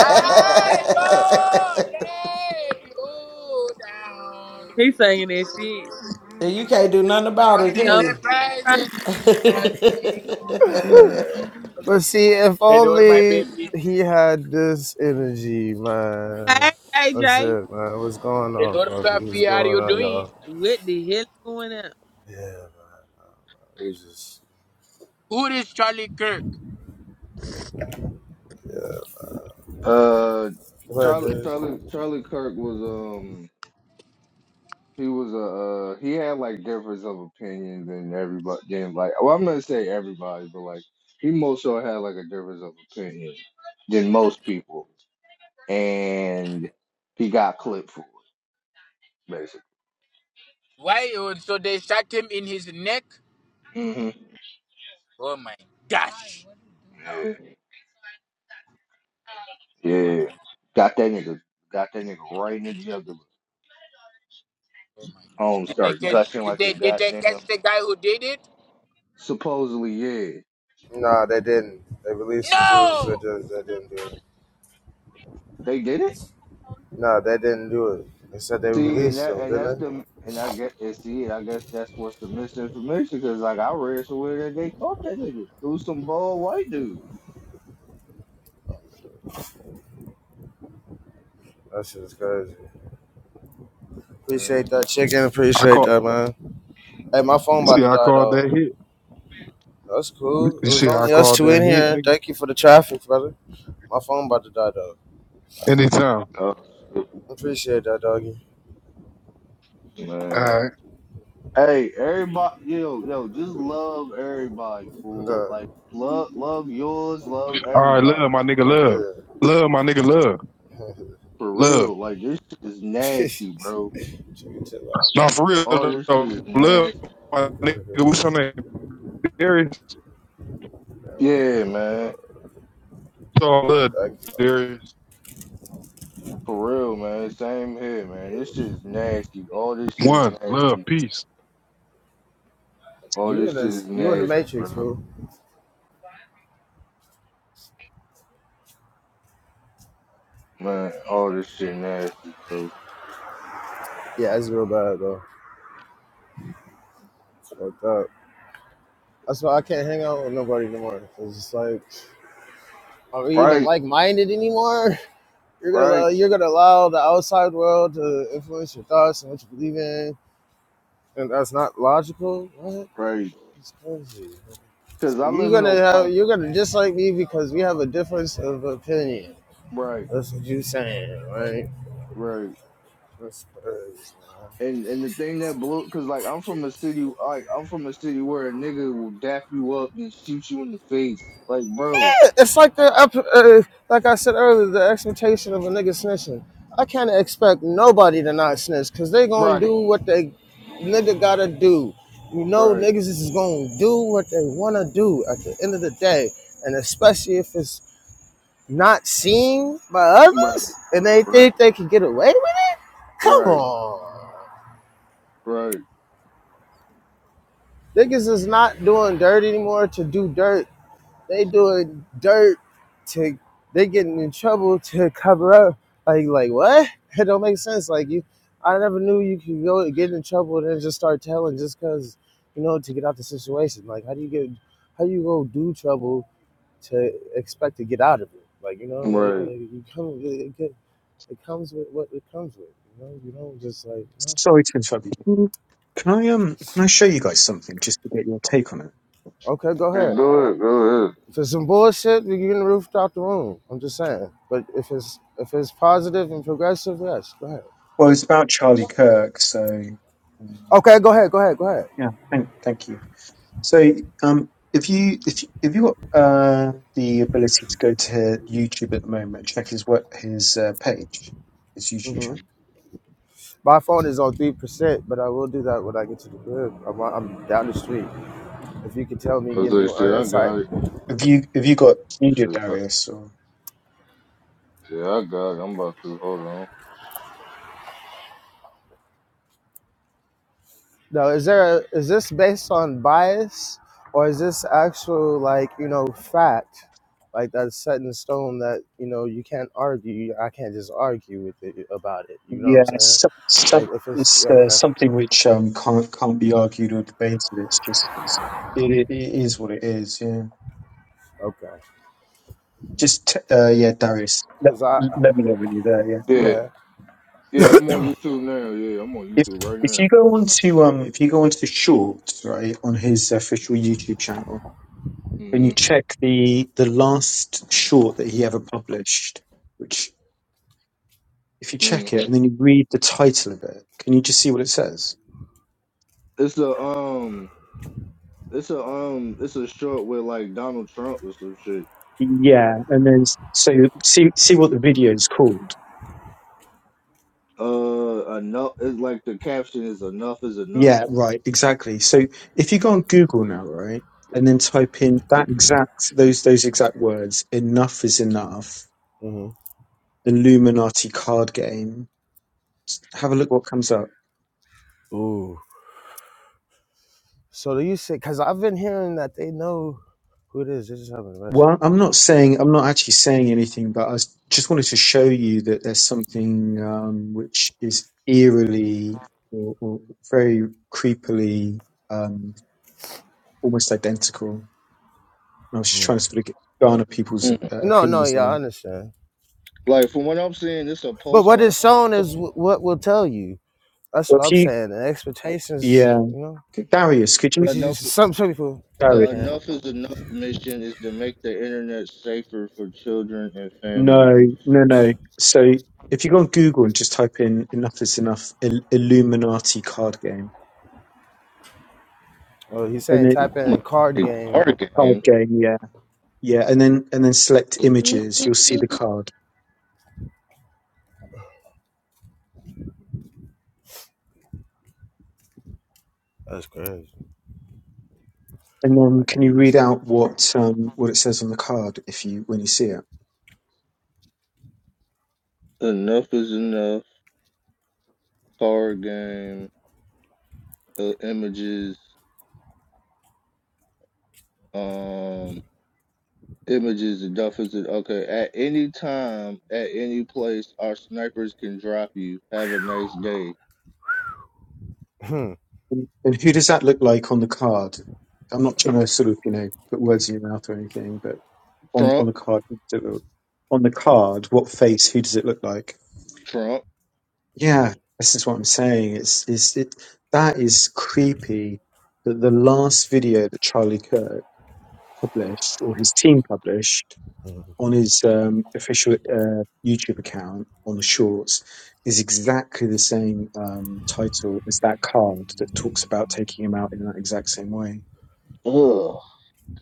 S8: I won't let you down.
S9: he singing that shit.
S6: And you can't do nothing about
S8: Cause
S6: it,
S8: he's
S6: can
S9: Don't
S8: the
S6: you?
S8: president.
S2: Alright.
S1: see, if
S8: Hello, my
S1: only
S8: baby.
S1: he had this energy,
S9: cry.
S1: man. That's it, man. What's going on,
S8: Hello,
S1: Fluffy? What's
S8: Fluffy. How are
S1: going
S8: you
S1: on,
S8: doing?
S1: y'all? Yeah, we just.
S8: Who is Charlie Kirk?
S2: Uh,
S1: What,
S2: Charlie,
S1: Judge?
S2: Charlie, Charlie Kirk was um, he was a uh, he had like difference of opinion than everybody. Than like, well, I'm not gonna say everybody, but like he most sure had like a difference of opinion than most people, and he got clipped for it
S8: Why? oh, So they shot him in his neck?
S2: hmm
S8: Oh my gosh.
S2: Yeah. yeah. Got that nigga. Got that nigga right in the jugular.
S8: Oh my gosh.
S2: Home
S8: Did they
S2: start
S8: catch,
S2: gushing
S8: did
S2: like a
S8: they, did they catch
S2: goddamn.
S8: the guy who did it?
S2: Supposedly, yeah,
S1: Nah, they didn't. They released the dudes
S8: No!
S1: that just they didn't do it.
S2: they did it.
S1: Nah, they didn't do it. They said they
S2: See, and
S1: released
S2: that
S1: them,
S2: and
S1: didn't
S2: that's
S1: they?
S2: the and I guess and see, and I guess that's what's the misinformation because like I read somewhere that they caught that nigga It was some bald white dude.
S1: That shit is crazy. Appreciate
S2: Mhm.
S1: that chicken.
S5: I
S1: Appreciate
S5: call
S1: that, man. Hey, my phone
S5: you
S1: about
S5: see
S1: to
S5: how I
S1: die,
S5: called
S1: though.
S5: that hit.
S1: That's cool. It
S5: You
S1: was
S5: see how I
S1: only us
S5: called
S1: two
S5: that
S1: in
S5: hit,
S1: here.
S5: nigga?
S1: Thank you for the traffic, brother. My phone about to die though.
S5: Anytime.
S2: Oh
S1: Appreciate that, doggy.
S2: shit, man.
S5: Alright.
S2: Hey, everybody, yo, yo, just love everybody,
S1: I'm
S2: fool.
S1: done.
S2: Like love, love yours, love
S5: Alright,
S2: everybody.
S5: love my nigga,
S2: Like that.
S5: love.
S1: Yeah.
S5: Love my nigga, love.
S1: [LAUGHS]
S2: For
S5: Love.
S2: real, like this shit is nasty, bro.
S1: Chicken chill out,
S5: No, for
S1: man.
S5: real
S2: All this
S5: though.
S2: shit is
S5: Love
S2: nasty.
S5: my nigga. What's your
S1: [LAUGHS]
S5: name? Darius.
S1: Man, my
S2: Yeah,
S1: phone
S2: man.
S1: died.
S5: So
S1: All right,
S5: love
S1: [LAUGHS] thank you,
S5: Darius.
S2: For real, man. Same here, man. This shit is nasty. All this shit is
S5: One. Love.
S2: nasty.
S5: Peace.
S2: All
S1: in
S2: this shit
S1: this?
S2: is
S1: You in the
S2: nasty,
S1: Matrix,
S2: bro.
S1: fool?
S2: Man, all this shit nasty, bro.
S1: Yeah, it's real bad though. It's fucked up. That's why I can't hang out with nobody anymore. It's just like, are we even
S2: Right,
S1: like-minded anymore? You're gonna allow,
S2: right,
S1: you're gonna allow the outside world to influence your thoughts and what you believe in, and that's not logical. What?
S2: right.
S1: It's crazy.
S2: Cause
S1: So
S2: I
S1: you're
S2: live in a
S1: gonna have
S2: like
S1: you're gonna dislike me because we have a difference of opinion.
S2: right,
S1: That's what you saying, right?
S2: right.
S1: That's crazy, man.
S2: And and the thing that blew, cause like I'm from a city, like I'm from a city where a nigga will dap you up and shoot you in the face, like bro.
S1: Yeah, It's like the uh, like I said earlier, the expectation of a nigga snitching. I can't expect nobody to not snitch because they gonna
S2: Right,
S1: do what they nigga gotta do. You know,
S2: right,
S1: niggas is gonna do what they wanna do at the end of the day, and especially if it's not seen by
S2: right.
S1: others and they think
S2: Right.
S1: they can get away with it. Come
S2: Right,
S1: on.
S2: right,
S1: Niggas is not doing dirt anymore to do dirt. They doing dirt to they getting in trouble to cover up. Like like what? It don't make sense. Like you, I never knew you could go and get in trouble and then just start telling just cause you know to get out the situation. Like how do you get how do you go do trouble to expect to get out of it? Like you know like, like
S2: right.
S1: you come it, it, it comes with what it comes with. You know you don't just like you know,
S10: Sorry to interrupt you. Can I um can I show you guys something just to get your take on it?
S1: okay go
S2: Hey,
S1: ahead.
S2: go ahead, go ahead.
S1: If it's some bullshit, you can roof out the room. I'm just saying. But if it's if it's positive and progressive, yes, go ahead.
S10: Well, it's about Charlie Kirk, so um,
S1: Okay, go ahead, go ahead, go ahead.
S10: yeah, thank thank you. So um, if you if you, if you got uh, the ability to go to YouTube at the moment and check his work his uh, page, his YouTube
S1: hmm
S10: channel.
S1: My phone is on three percent, but I will do that when I get to the crib. I'm, I'm down the street. If you could tell me,
S2: I was
S1: give me
S2: like, shit,
S1: an
S2: I
S1: insight.
S2: got it.
S10: Have you have you got Media
S2: Shit, I,
S10: Darius or
S2: yeah, I got it. I'm about to hold on.
S1: Now, is there a, is this based on bias or is this actual like you know fact, like that's set in stone that you know you can't argue. I can't just argue with it about it. You know what
S10: yeah
S1: I'm saying?
S10: some,
S1: Like
S10: some
S1: if it's
S10: it's uh,
S1: okay,
S10: something which um can't can't be argued or debated. It's just it's, it, it it is what it is. Yeah.
S1: okay.
S10: Just uh, yeah, Darius. Let,
S1: Cause I
S10: let me know when you're there. Yeah.
S1: go
S2: Yeah,
S1: ahead.
S2: yeah, I'm on YouTube now. Yeah, I'm on
S10: If
S2: YouTube right
S10: if
S2: now.
S10: you go on to um if you go onto the shorts right on his official YouTube channel and you
S2: hmm
S10: check the the last short that he ever published, which if you check
S2: hmm
S10: it and then you read the title of it, can you just see what it says?
S2: It's a um, it's a um, it's a short with like Donald Trump or some shit.
S10: Yeah, and then s- so see see what the video is called.
S2: Uh, enough. It's like the caption is enough is enough.
S10: Yeah, right, exactly. So if you go on Google now, right, and then type in that exact those those exact words, enough is enough,
S1: Mm-hmm.
S10: the Luminati card game, s- have a look what comes up.
S1: Ooh. So do you say? Cause I've been hearing that they know who it is. They just haven't arrested.
S10: Well, I'm not
S1: it.
S10: saying I'm not actually saying anything, but I s- just wanted to show you that there's something um, which is eerily or, or very creepily um, almost identical. And I was just
S1: Yeah.
S10: trying to sort of get- garner people's
S2: Mm.
S10: uh,
S1: No, no,
S10: opinions
S1: yeah,
S10: on it.
S1: I understand.
S2: Like from what I'm seeing, it's a
S1: But
S2: Post
S1: what
S2: Malone
S1: is shown is
S2: song.
S1: wh- what will tell you. That's
S10: Well,
S1: what
S10: if
S1: I'm
S10: you
S1: saying. And
S10: yeah.
S1: expectations, you know.
S10: Darius, could you?
S1: But you
S2: Enough.
S1: just, some some people you
S2: The
S10: Darius,
S1: can't.
S2: Enough is Enough mission is to make the internet safer for children and
S10: no,
S2: families.
S10: no, no. So if you go on Google and just type in "enough is enough" Il- Illuminati card game,
S1: Oh, he's
S10: and
S1: saying
S10: then
S1: type in card
S2: Illuminati
S1: game.
S2: card
S10: card
S2: game.
S1: After.
S10: game, yeah, yeah, and then and then select images, you'll see the card,
S1: That's crazy.
S10: and
S1: I
S10: then can
S1: gotta
S10: you
S1: use
S10: read out what um what it says on the card if you when you see it,
S2: Enough is enough. Card game. Uh, images. Um. Images. Enough is enough. Okay. At any time, at any place, our snipers can drop you. Have a nice day.
S1: something.
S10: and, and who does that look like on the card? I'm not trying to sort of you know put words in your mouth or anything, but on on
S2: Trump.
S10: the card on the card, what face? Who does it look like?
S2: Trump.
S1: Hmm. [LAUGHS]
S10: Yeah, this is what I'm saying. It's, it's it that is creepy that the
S1: Hmm.
S10: last video that Charlie Kirk published or his team published
S1: Hmm.
S10: on his um, official uh, YouTube account on the shorts is exactly the same um, title as that card that talks about taking him out in that exact same way.
S2: Oh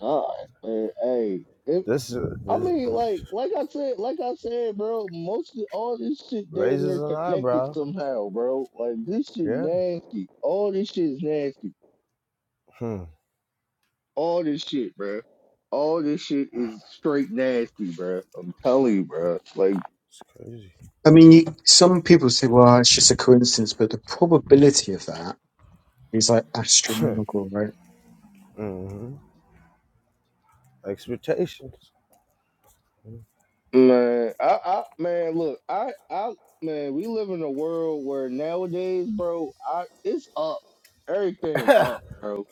S2: God. Man. Hey.
S1: this, uh,
S2: I
S1: this
S2: mean,
S1: this
S2: like, like I said, like I said, bro. Most of all this shit damn
S1: raises
S2: near
S1: an
S2: connected
S1: eyebrow.
S2: somehow, bro. Like this shit
S1: Yeah.
S2: nasty. All this shit is nasty.
S1: Hmm.
S2: All this shit, bro. All this shit is straight nasty, bro. I'm telling you, bro. Like,
S1: It's crazy.
S10: I mean, you, some people say, well, it's just a coincidence, but the probability of that is like
S1: [LAUGHS]
S10: astronomical, right?
S1: hmm Expectations. Mhm.
S2: man, I, I, man, look, I, I, man, we live in a world where nowadays, bro, I, it's up. Everything
S1: [LAUGHS]
S2: up, bro.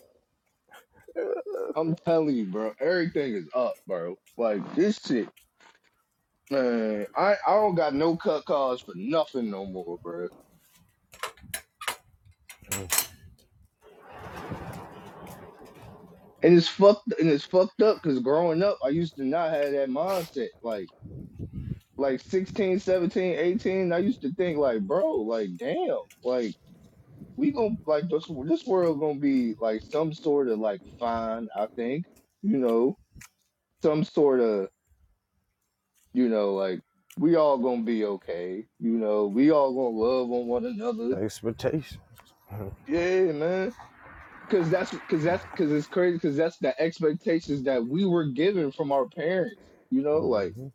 S2: I'm telling you, bro. Everything is up, bro. Like this shit. Man, I, I don't got no cut calls for nothing no more, bro. And it's fucked and it's fucked up because growing up, I used to not have that mindset. Like like 16, 17, 18, I used to think like, bro, like damn, like we gonna like this this world gonna be like some sort of like fine, I think. You know, some sort of, you know, like we all gonna be okay. You know, we all gonna love on one another.
S1: Expectations.
S2: Yeah, man. Cause that's cause that's cause it's crazy because that's the expectations that we were given from our parents. You know, like
S1: hmm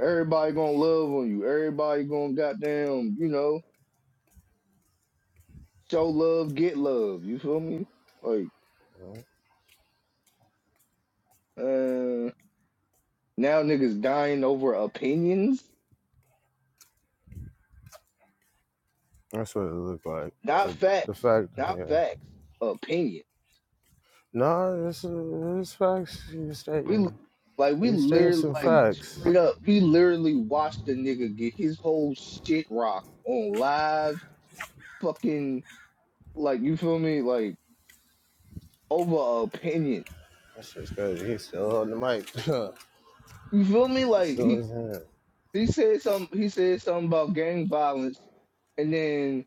S2: everybody gonna love on you. Everybody gonna goddamn, you know, show love, get love. You feel me? Like, uh now niggas dying over opinions.
S1: That's what it looked like.
S2: Not
S1: But the
S2: facts.
S1: fact,
S2: Not
S1: yeah.
S2: facts. Opinion.
S1: No, it's, it's facts he's
S2: We
S1: stating.
S2: like we
S1: He's stating
S2: literally
S1: some
S2: like
S1: facts.
S2: straight up, we literally watched the nigga get his whole shit rocked on live fucking like you feel me? Like over opinion.
S1: That's just crazy. He's still on the mic.
S2: You feel me?
S1: [LAUGHS] it's
S2: Like
S1: still
S2: he
S1: in his hand.
S2: he said some he said something about gang violence, and then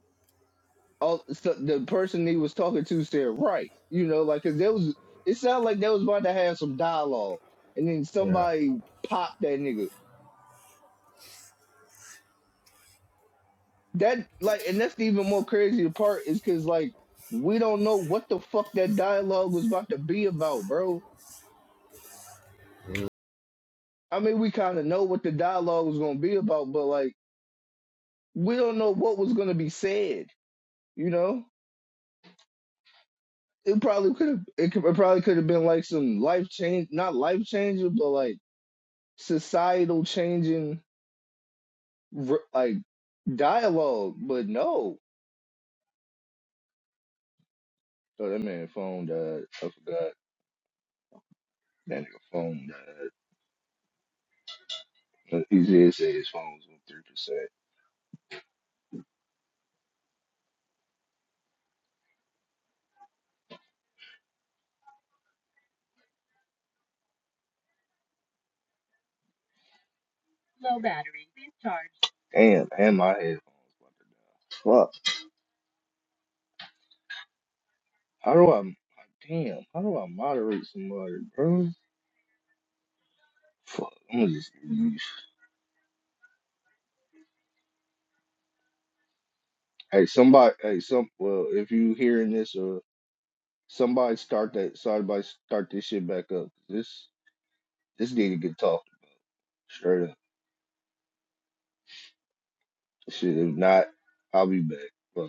S2: all so the person he was talking to said right. You know, like because there was it sounded like they was about to have some dialogue, and then
S1: Yeah.
S2: somebody popped that nigga. That like, and that's the even more crazy part is because like we don't know what the fuck that dialogue was about to be about, bro. I mean, we kind of know what the dialogue was gonna be about, but like we don't know what was gonna be said. You know? it probably could have it, could, it probably could have been like some life change not life changing but like societal changing r- like dialogue but no so that man phone died I forgot that nigga phone died he did say his phone was on three percent low battery please charge damn and my headphones about to die fuck how do I damn how do I moderate somebody bro fuck I'm gonna just leave. hey somebody hey some well if you hearing this or Somebody start that. Somebody start this shit back up. This this need to get talked straight up. Shit, if not, I'll be back. Fuck.